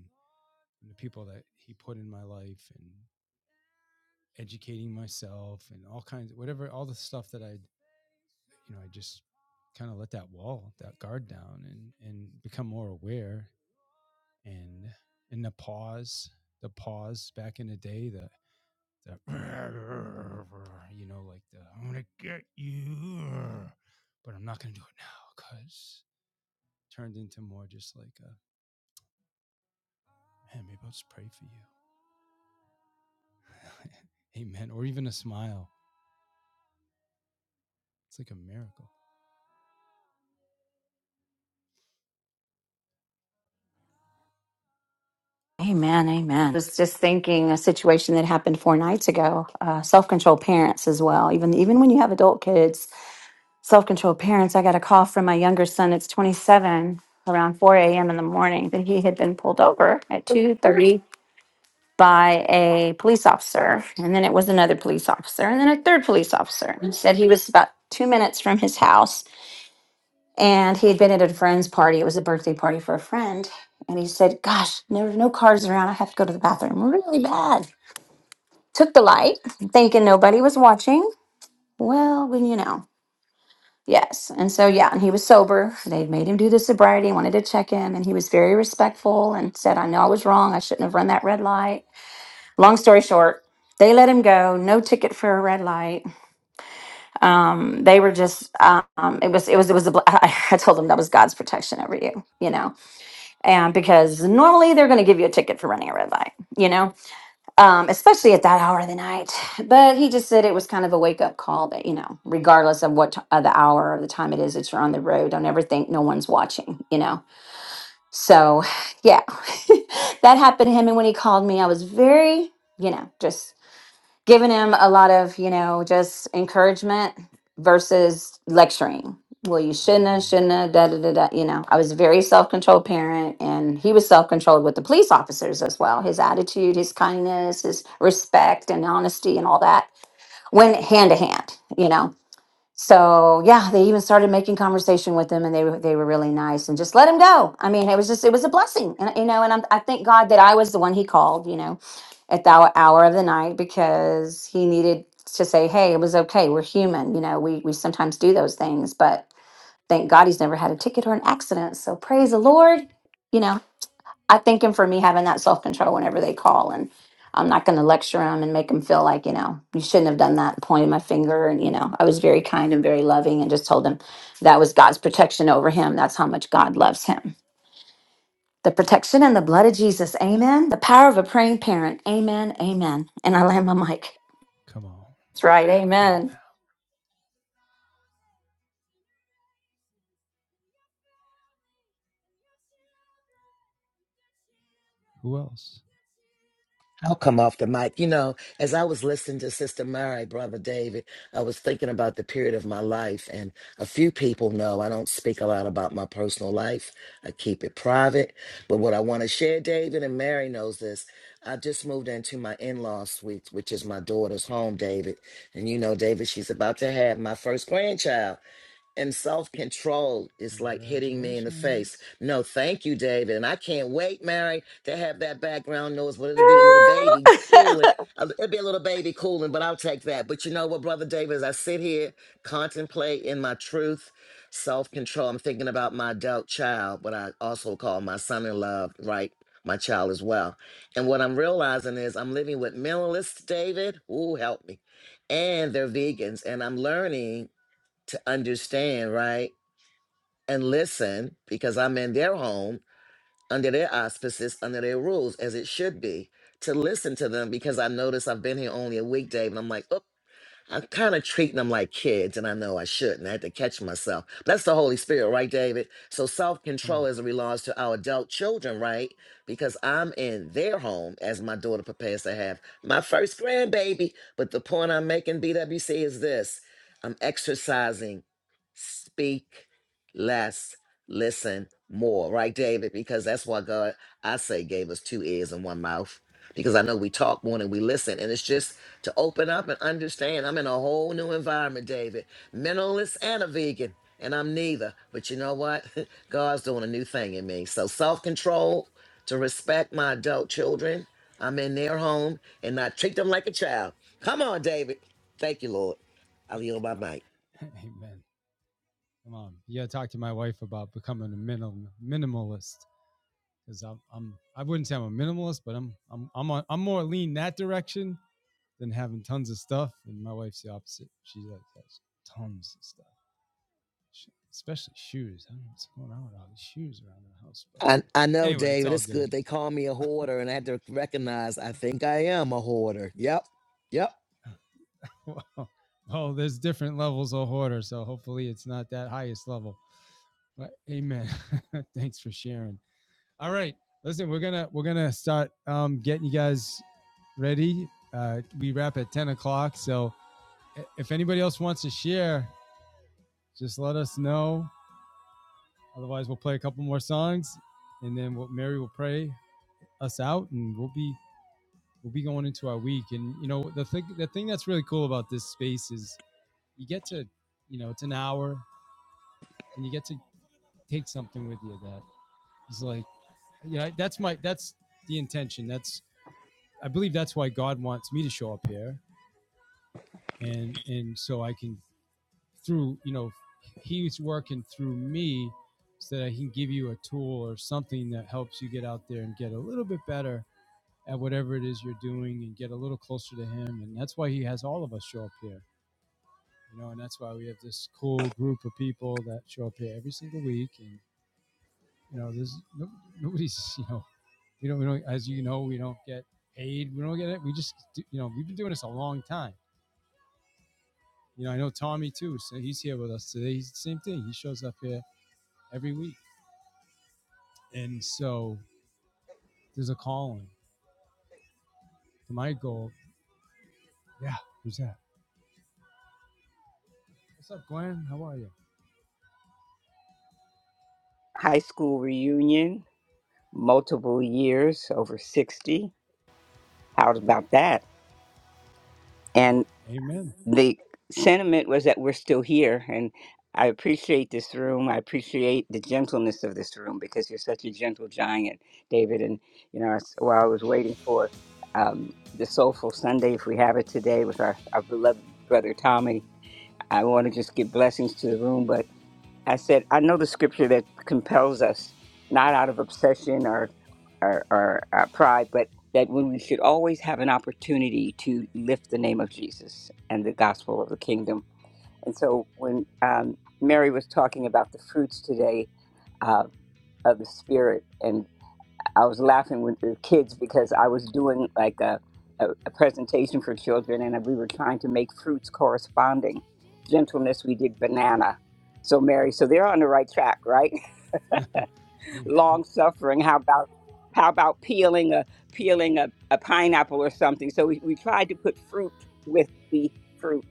Speaker 1: the people that he put in my life and educating myself and all kinds of whatever all the stuff that i you know i just kind of let that wall that guard down and and become more aware and and the pause the pause back in the day the the you know like the i'm gonna get you but i'm not gonna do it now because turned into more just like a man maybe i'll just pray for you amen or even a smile it's like a miracle
Speaker 2: Amen. Amen. was just thinking a situation that happened four nights ago. Uh, self control parents as well. Even even when you have adult kids, self-controlled parents i got a call from my younger son it's 27 around 4 a.m in the morning that he had been pulled over at 2.30 by a police officer and then it was another police
Speaker 1: Make
Speaker 2: officer
Speaker 1: his
Speaker 2: and then a
Speaker 1: face
Speaker 2: third police officer He said he
Speaker 1: shine
Speaker 2: was about
Speaker 1: upon
Speaker 2: two
Speaker 1: you.
Speaker 2: minutes from his
Speaker 1: Be
Speaker 2: house
Speaker 1: gracious to the Lord's servant.
Speaker 2: and he had been at a friend's party it was a birthday party for a friend and he said gosh there were no
Speaker 1: Face
Speaker 2: cars
Speaker 1: toward
Speaker 2: around i
Speaker 1: you.
Speaker 2: have to go to the bathroom really bad took the light thinking nobody was watching well when you know Yes.
Speaker 1: See,
Speaker 2: And so,
Speaker 1: we
Speaker 2: yeah, and he was sober. They'd
Speaker 1: agree.
Speaker 2: made him do the sobriety, wanted to check him, and he was very respectful and said, I know I was wrong. I shouldn't have run that red light. Long story short, they let him go. No ticket for a red light. Um, they were just, um, it was, it was, it was, a bl- I, I told them that was God's protection over you, you know, and because normally they're going to give you a ticket for running a red light, you know, um, especially at that hour of the night. But he just said it was kind of a wake up call that, you know, regardless of what t- of the hour or the time it is that you're on the road, don't ever think no one's watching, you know. So, yeah, that happened to him. And when he called me, I was very, you know, just giving him a lot of, you know, just encouragement versus lecturing. Well, you shouldn't have,
Speaker 1: Amen.
Speaker 2: shouldn't have, da da da da. You know, I was a very self controlled parent, and he was self controlled with the police officers as well. His attitude, his kindness, his respect and honesty, and all that went hand to hand, you know so yeah, they even started making conversation with him, and they were they were really nice, and just let him go. I mean, it was just it was a blessing, and you know, and I'm, I thank God that I was the one he called, you know, at the hour hour of the night because he needed to say, hey, it was okay, we're human, you know, we we sometimes do those things,
Speaker 1: Amen.
Speaker 2: but thank
Speaker 1: I'll
Speaker 2: God
Speaker 1: start
Speaker 2: he's
Speaker 1: short. Amen.
Speaker 2: never
Speaker 1: Amen
Speaker 2: had a ticket or an
Speaker 1: and
Speaker 2: accident,
Speaker 1: raise your
Speaker 2: so praise
Speaker 1: family,
Speaker 2: the
Speaker 1: your children,
Speaker 2: Lord, you
Speaker 1: their
Speaker 2: know, I
Speaker 1: children,
Speaker 2: think and for me having
Speaker 1: their
Speaker 2: that self
Speaker 1: children,
Speaker 2: control whenever they call, and
Speaker 1: and save
Speaker 2: I'm not going to lecture them and make them feel like you know you shouldn't have done that, pointing my
Speaker 1: upon you
Speaker 2: finger, and you know I was very kind and very
Speaker 1: a
Speaker 2: loving, and just told him
Speaker 1: thousand
Speaker 2: that was God's protection
Speaker 1: generations. Your
Speaker 2: over
Speaker 1: family,
Speaker 2: him. That's how much God
Speaker 1: your
Speaker 2: loves
Speaker 1: children, their children,
Speaker 2: him.
Speaker 1: their
Speaker 2: The protection and the blood of Jesus, Amen. The power of a praying parent, Amen, Amen. And I land my mic.
Speaker 1: children. Come on.
Speaker 2: That's right,
Speaker 1: Come on now.
Speaker 2: Amen.
Speaker 1: Who else?
Speaker 4: I'll come off the mic. You know, as I was listening to Sister Mary, Brother David, I was thinking about the period of my life. And a few people know I don't speak a lot about my personal life. I keep it private. But what I want to share, David and Mary knows this. I just moved into my in-law suite, which is my daughter's home, David. And you know, David, she's about to have my first grandchild. and self control is like hitting me in the
Speaker 1: Congratulations.
Speaker 4: face. No, thank you, David. And I can't wait, Mary, to have that background noise. But it'll be a little baby cooling. Uh, It'll be a little baby cooling, but I'll take that. But you know what, Brother David, as I sit here, contemplate in my truth, self control, I'm thinking about my adult child, but I also call my son in law, right? My child as well. And what I'm realizing is I'm living with minimalists, David. Ooh, help me. And they're vegans. And I'm learning to understand, right? And listen, because I'm in their home, under their auspices, under their rules, as it should be, to listen to them because I notice I've been here only a week, Dave, and I'm like, I'm kind of treating them like kids, and I know I shouldn't. I had to catch myself. That's the Holy Spirit, right, David? So self
Speaker 1: Come
Speaker 4: control
Speaker 1: on.
Speaker 4: as it relates to our adult children, right? Because I'm in their home as my daughter prepares to have my first grandbaby. But the point I'm making, BWC, is this I'm exercising speak less, listen more, right, David? Because that's why God, I say, gave us two ears and one mouth. Because I know we talk more than we listen. And it's just to open up and understand. I'm in a whole new environment, David. Mentalist and a vegan, and I'm neither. But you know what? God's doing a new thing in me. So self control to respect my adult children. I'm in their home and not treat them like a child. Come on, David. Thank you, Lord. I'll yield my
Speaker 1: Come
Speaker 4: mic.
Speaker 1: on. Amen. Come on. You gotta talk to my wife about becoming a minim- minimalist. Because I'm, I'm I wouldn't say I'm a minimalist, but I'm I'm I'm on, I'm more lean that direction than having tons of stuff. And my wife's the opposite. She like has tons of stuff. She, especially shoes. I don't know what's going on with all these shoes around the house, but
Speaker 4: I, I know,
Speaker 1: anyway, it's
Speaker 4: David.
Speaker 1: all
Speaker 4: It's good.
Speaker 1: good.
Speaker 4: They call me a hoarder, and I had to recognize I think I am a hoarder. Yep. Yep.
Speaker 1: Well, well, there's different levels of hoarder, so hopefully it's not that highest level. Well, Amen. Thanks for sharing. All right, listen, we're gonna we're gonna start um, getting you guys ready. Uh, we wrap at ten o'clock, so if anybody else wants to share, just let us know. Otherwise, we'll play a couple more songs, and then we'll, Mary will pray us out, and we'll be we'll be going into our week. And you know, the thing the thing that's really cool about this space is you get to you know it's an hour, and you get to take something with you that is like you know that's my that's the intention that's i believe that's why god wants me to show up here and and so i can through you know he's working through me so that i can give you a tool or something that helps you get out there and get a little bit better at whatever it is you're doing and get a little closer to him and that's why he has all of us show up here you know and that's why we have this cool group of people that show up here every single week and You know, there's no, nobody's. You know, we don't. We don't. As you know, we don't get paid. We don't get it. We just. do- You know, we've been doing this a long time. You know, I know Tommy too. So he's here with us today. He's the same thing. He shows up here every week, and so there's a calling. For My goal. Yeah. Who's that? What's up, Glenn? How are you?
Speaker 8: High school reunion, multiple years, over 60. How about that? And
Speaker 1: Happy. Amen.
Speaker 8: the sentiment was that we're still here. And I appreciate this room. I appreciate the gentleness of this room because you're such a gentle giant, David. And, you know, as- while I was waiting for um, the Soulful Sunday, if we have it today with our, our beloved brother Tommy, I want to just give blessings to the room. but. I said, I know the scripture that compels us, not out of obsession or, or, or uh, pride, but that when we should always have an opportunity to lift the name of Jesus and the gospel of the kingdom. And so when um, Mary was talking about the fruits today uh, of the Spirit and. I was laughing with the kids because I was doing like a, a, a presentation for children and we were trying to make fruits corresponding. Gentleness, we did banana. So Mary, so they're on the right track, right?
Speaker 1: Amen.
Speaker 8: Long suffering. How about how about peeling a peeling a, a pineapple or something? So we, we tried to put fruit with the fruit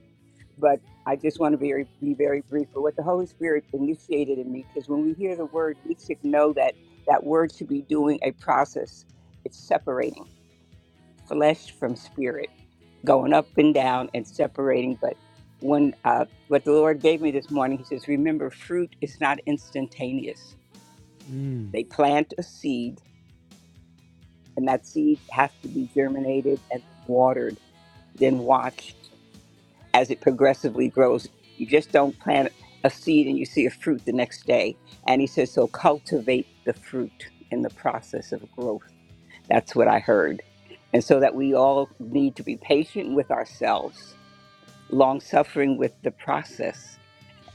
Speaker 8: but I just want to be very, be very brief. But what the Holy Spirit initiated in me, because when we hear the word, we should know that that word should be doing a process. It's separating flesh from spirit, going up and down and separating. But when uh, what the Lord gave me this morning, He says, remember, fruit is not instantaneous.
Speaker 1: Mm.
Speaker 8: They plant a seed, and that seed has to be germinated and then watered, then watched. as it progressively grows. You just don't plant a seed and you see a fruit the next day. And he says, so cultivate the fruit in the process of growth. That's what I heard. And so that we all need to be patient with ourselves, long suffering with the process,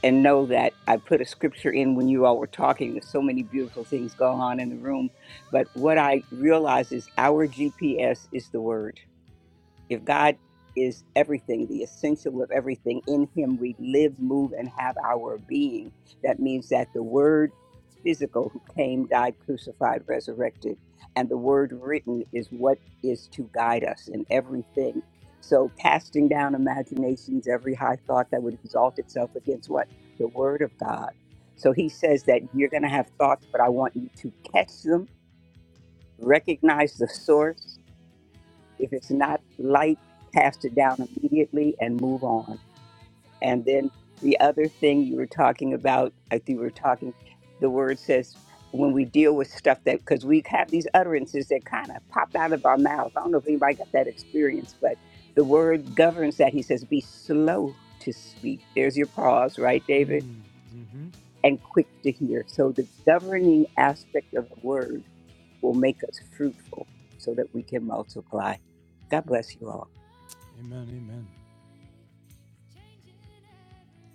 Speaker 8: and know that I put a scripture in when you all were talking. There's so many beautiful things going on in the room. But what I realize is our GPS is the word if God is everything, the essential of everything, in Him we live, move, and have our being, that means that the Word
Speaker 1: Impossible
Speaker 8: physical who came, died, crucified, resurrected, and the Word written is what is to guide us in everything. So, casting down imaginations, every high thought that would exalt itself against what? The Word of God. So, He says that you're going to have
Speaker 1: not to
Speaker 8: thoughts, but I
Speaker 1: do.
Speaker 8: want you to catch them, recognize the source, if it's not light, cast it down immediately and move on. And then the other thing you were talking about, I think we were talking, the word says when we deal with stuff that, because we have these utterances that kind of pop out of our mouth. I don't know if anybody got that experience, but the word governs that. He says, be slow to speak. There's your pause, right, David?
Speaker 1: Mm, hmm
Speaker 8: And quick to hear. So the governing aspect of the word will make us fruitful so that we can multiply. God bless you all.
Speaker 1: Amen. Amen.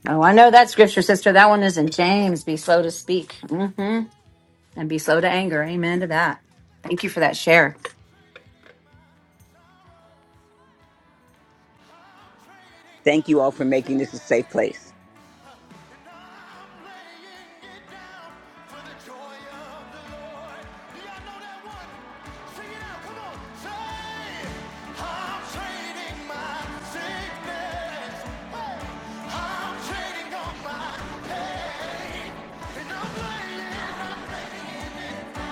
Speaker 2: Oh, I know that scripture, sister. That one is in James. Be slow to speak, hmm and be slow to anger. Amen to that. Thank you for that share.
Speaker 8: Thank you all for making this a safe place.
Speaker 1: I'm laying it down for the joy of the Lord. y'all know that one? Sing it out, come on. Say, I'm trading my sickness. Hey, I'm trading all my pain. And I'm laying, I'm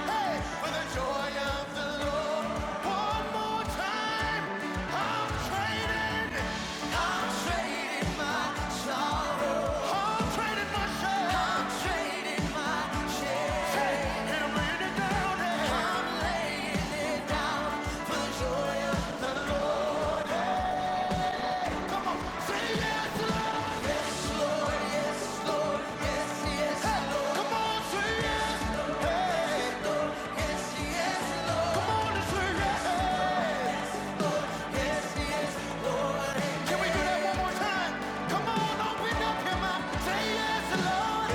Speaker 1: Hey, For the joy of the Lord, one more time, I'm trading, I'm trading my sorrow, I'm trading my shame, I'm laying it down Come on, say yes, Lord. come on, say yes, come on say yes. Can we do that one more time? Come on, open up your mouth, say yes, Lord.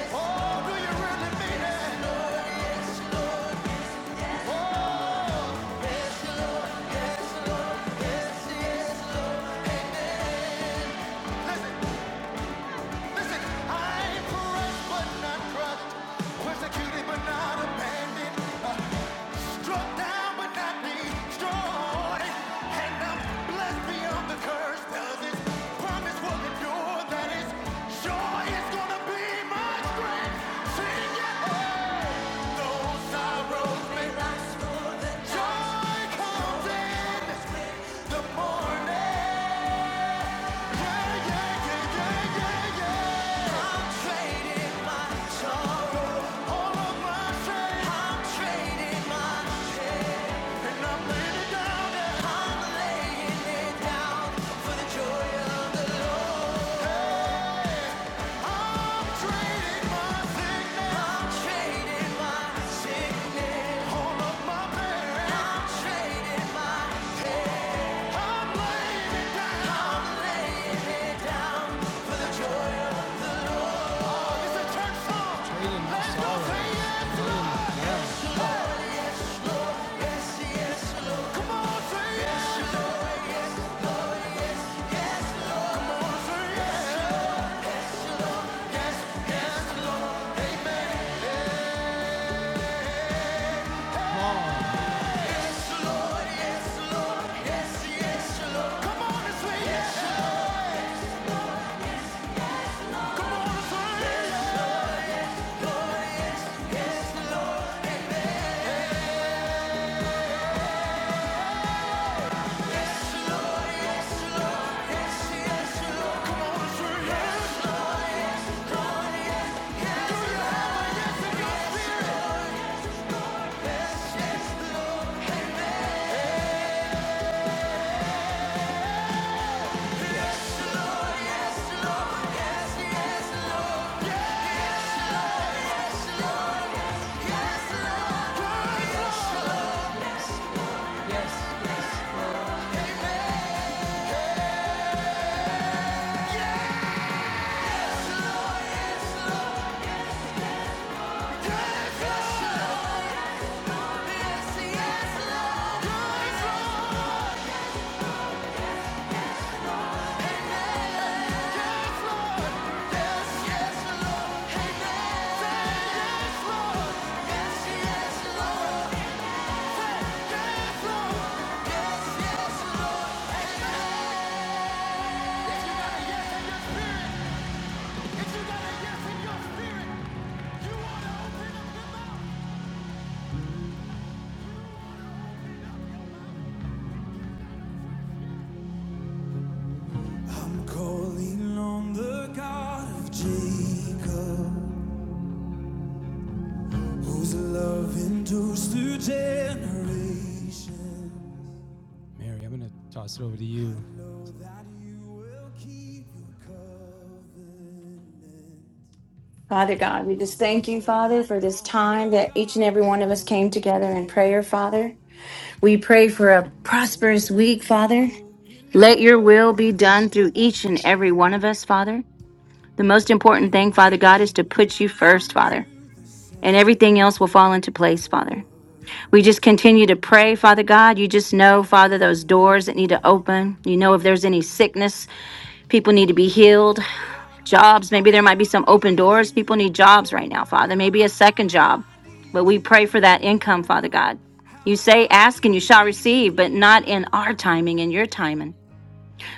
Speaker 1: Oh, do you really mean it? Oh, Listen, listen. pressed but not crushed, persecuted but not abandoned, uh, struck down but not destroyed, and I'm blessed beyond the curse. Does this promise will endure? That is sure. It's gonna be my strength. Oh, those sorrows may last for joy comes in the morning. Trading my sorrow. yes. yes. yes. yes. yes. Yes, yes, Yes, yes calling on the God of Jacob, whose love endures through generations. Mary, I'm going to toss it over to you. I know that you will keep your covenant.
Speaker 2: Father God, we just thank you, Father,
Speaker 1: Calling
Speaker 2: for this
Speaker 1: on
Speaker 2: time
Speaker 1: the
Speaker 2: that each and
Speaker 1: God
Speaker 2: every one of
Speaker 1: of
Speaker 2: us came together in prayer,
Speaker 1: Moses,
Speaker 2: Father. We pray for a
Speaker 1: the
Speaker 2: prosperous
Speaker 1: one
Speaker 2: week, Father.
Speaker 1: who opened
Speaker 2: Let your
Speaker 1: up
Speaker 2: will be
Speaker 1: the
Speaker 2: done through each and every
Speaker 1: ocean.
Speaker 2: one of us, Father. The most
Speaker 1: I
Speaker 2: important thing, Father
Speaker 1: need
Speaker 2: God, is to
Speaker 1: you
Speaker 2: put you
Speaker 1: now
Speaker 2: first,
Speaker 1: to
Speaker 2: Father,
Speaker 1: do the
Speaker 2: and everything
Speaker 1: same
Speaker 2: else will
Speaker 1: thing
Speaker 2: fall into place,
Speaker 1: for
Speaker 2: Father.
Speaker 1: me,
Speaker 2: We just continue to pray, Father God. You just know,
Speaker 1: for
Speaker 2: Father,
Speaker 1: me,
Speaker 2: those doors that
Speaker 1: for
Speaker 2: need
Speaker 1: me.
Speaker 2: to open. You know if there's any sickness, people need to be healed
Speaker 1: Oh God, my
Speaker 2: jobs. Maybe there
Speaker 1: God,
Speaker 2: might be some
Speaker 1: I
Speaker 2: open
Speaker 1: need
Speaker 2: doors.
Speaker 1: you.
Speaker 2: People need jobs
Speaker 1: Oh
Speaker 2: right now, Father.
Speaker 1: God,
Speaker 2: Maybe a second job.
Speaker 1: I need
Speaker 2: But we
Speaker 1: you.
Speaker 2: pray for that income, Father God. You say, ask and you shall receive, but not in our timing, in your timing.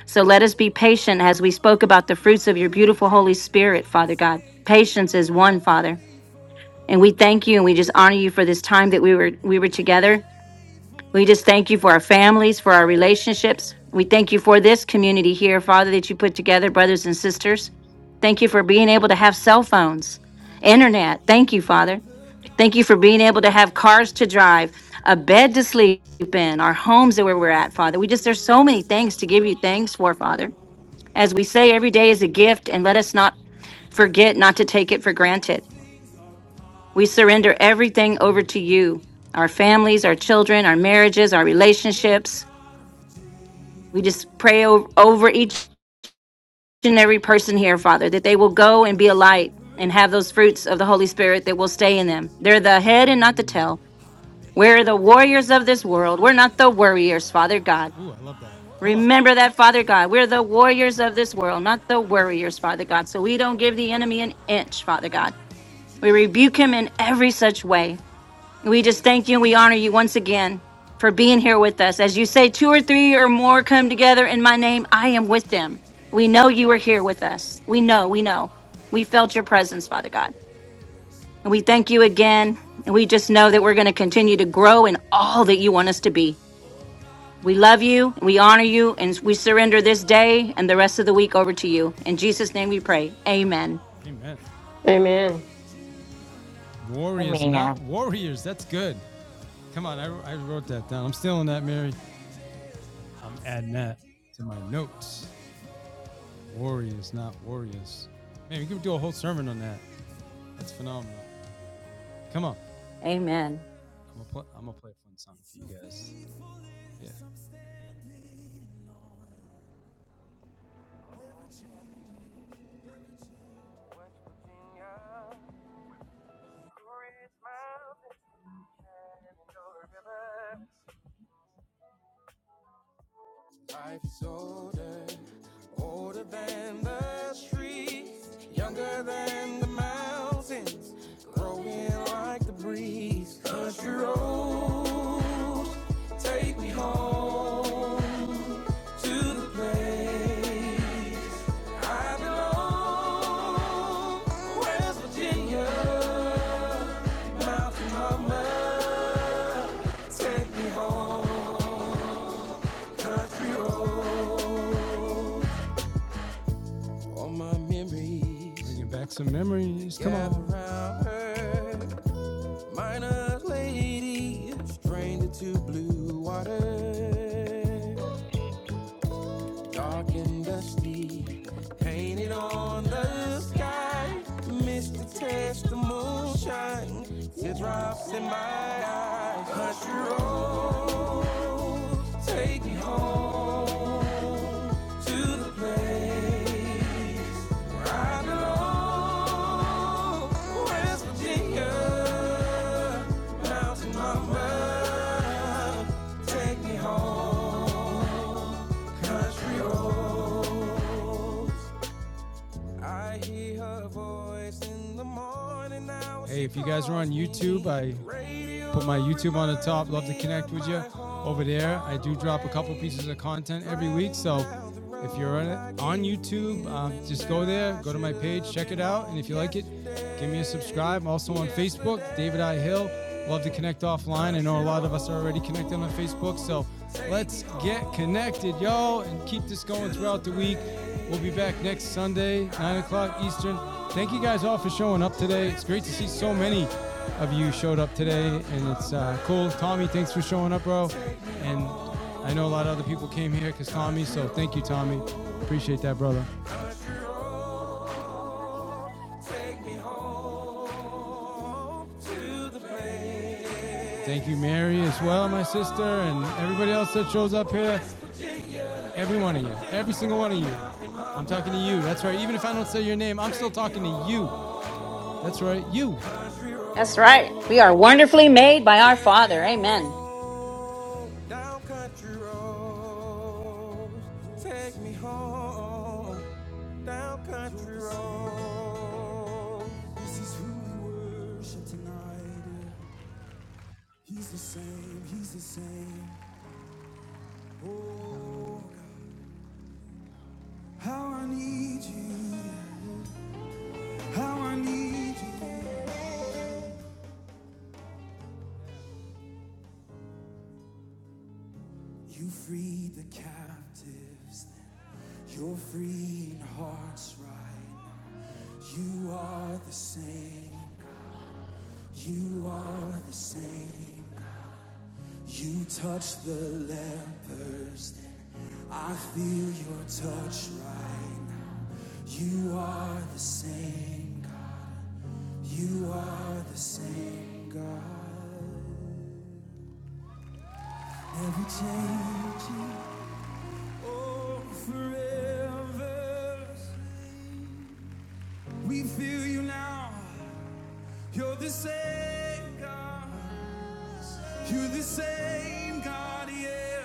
Speaker 2: So let us be patient as we spoke about the fruits of your beautiful Holy Spirit, Father God. Patience is one, Father. And we thank you and we just honor you for this time that we were we were together. We just thank you for our families, for our relationships. We thank you for this community here, Father, that you put together, brothers and sisters. Thank you for being able to have cell phones, internet. Thank you, Father. Thank you for being able to have cars to drive, a bed to sleep in, our homes that where we're at, Father. We just, there's so many things to give you thanks for, Father. As we say, every day is a gift, and let us not forget not to take it for granted. We surrender everything
Speaker 1: Amen.
Speaker 2: over to you our families, our children, our marriages, our relationships. We just pray o- over each and every person here, Father, that they will go and be a light and have those fruits of the Holy Spirit that will stay in them. They're the head and not the tail. We're the warriors of this world. We're not the worriers, Father God.
Speaker 1: Ooh, I love that. Come on.
Speaker 2: Remember that, Father God. We're the warriors of this world, not the worriers, Father God. So we don't give the enemy an inch, Father God. We rebuke him in every such way. We just thank you and we honor you once again for being here with us. As you say, two or three or more come together in my name, I am with them. We know you are here with us. We know, we know. We felt your presence, Father God. And we thank you again. And we just know that we're going to continue to grow in all that you want us to be. We love you, we honor you, and we surrender this day and the rest of the week over to you. In Jesus' name we pray. Amen.
Speaker 1: Amen.
Speaker 3: Amen.
Speaker 1: Warriors, not warriors. That's good. Come on, I, I wrote that down. I'm stealing that, Mary. I'm adding that to my notes. Warriors, not warriors. Man, we can do a whole sermon on that. That's phenomenal. Come on.
Speaker 2: Amen.
Speaker 1: I'm gonna, play a fun song for you guys. Yeah. Life's older, older than the streets, younger than the mountains, growing like the breeze. Country road, take me home to the place Bringing back some memories. Come on. round her. Minor lady, stranger to blue water. Dark and dusty, painted on the sky. Missed the test, the moonshine, teardrops in my eyes. Country road, take me home to the place where I belong. West Virginia, mountain mama, take me home. Country roads. I hear her voice in the morning now. Hey, if you guys are on YouTube, I Put my YouTube on the top. Love to connect with you over there. I do drop a couple pieces of content every week. So if you're on, it, on YouTube, um, just go there, go to my page, check it out. And if you like it, give me a subscribe. I'm also on Facebook, David I. Hill. Love to connect offline. I know a lot of us are already connected on Facebook. So let's get connected, yo, and keep this going throughout the week. We'll be back next Sunday, 9 o'clock Eastern. Thank you guys all for showing up today. It's great to see so many of you showed up today, and it's uh, cool. Tommy, thanks for showing up, bro. And I know a lot of other people came here because Tommy, so thank you, Tommy. Appreciate that, brother. Thank you, Mary, as well, my sister, and everybody else that shows up here. Every one of you, every single one of you. I'm talking to you. That's right. Even if I don't say your name, I'm still talking to you. That's right. You.
Speaker 2: That's right. We are wonderfully made by our
Speaker 1: Take me
Speaker 2: Father. Amen.
Speaker 1: home down country roads. Take me home down country roads. This is who we worship tonight. He's the same, he's the same. How I need you, how I need you. You freed the captives, you're freeing hearts right. You are the same, you forever. We feel you now. You're the same God. You're the same God, yeah.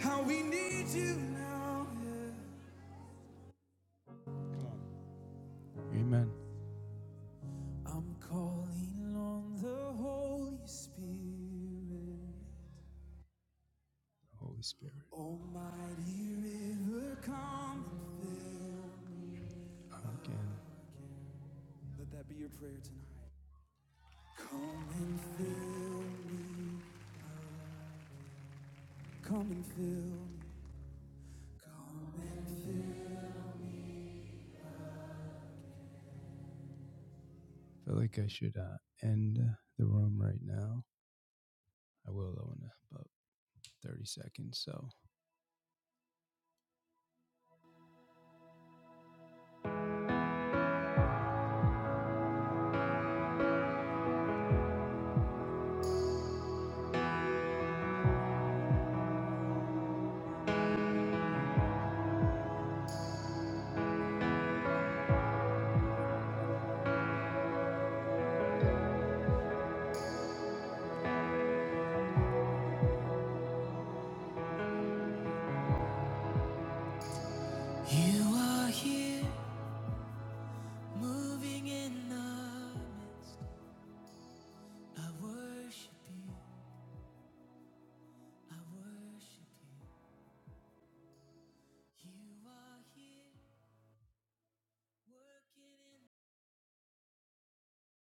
Speaker 1: How we need you now. yeah. Amen. I'm calling on the Holy Spirit. Holy Spirit. Almighty river, come and fill. Again. Let that be your prayer tonight. Come and fill me. Come and fill me. Come and fill me. feel like I should uh, end uh, the room right now. I will though in about 30 seconds. So You are here, moving in the midst. I worship you, I worship you. You are here, working in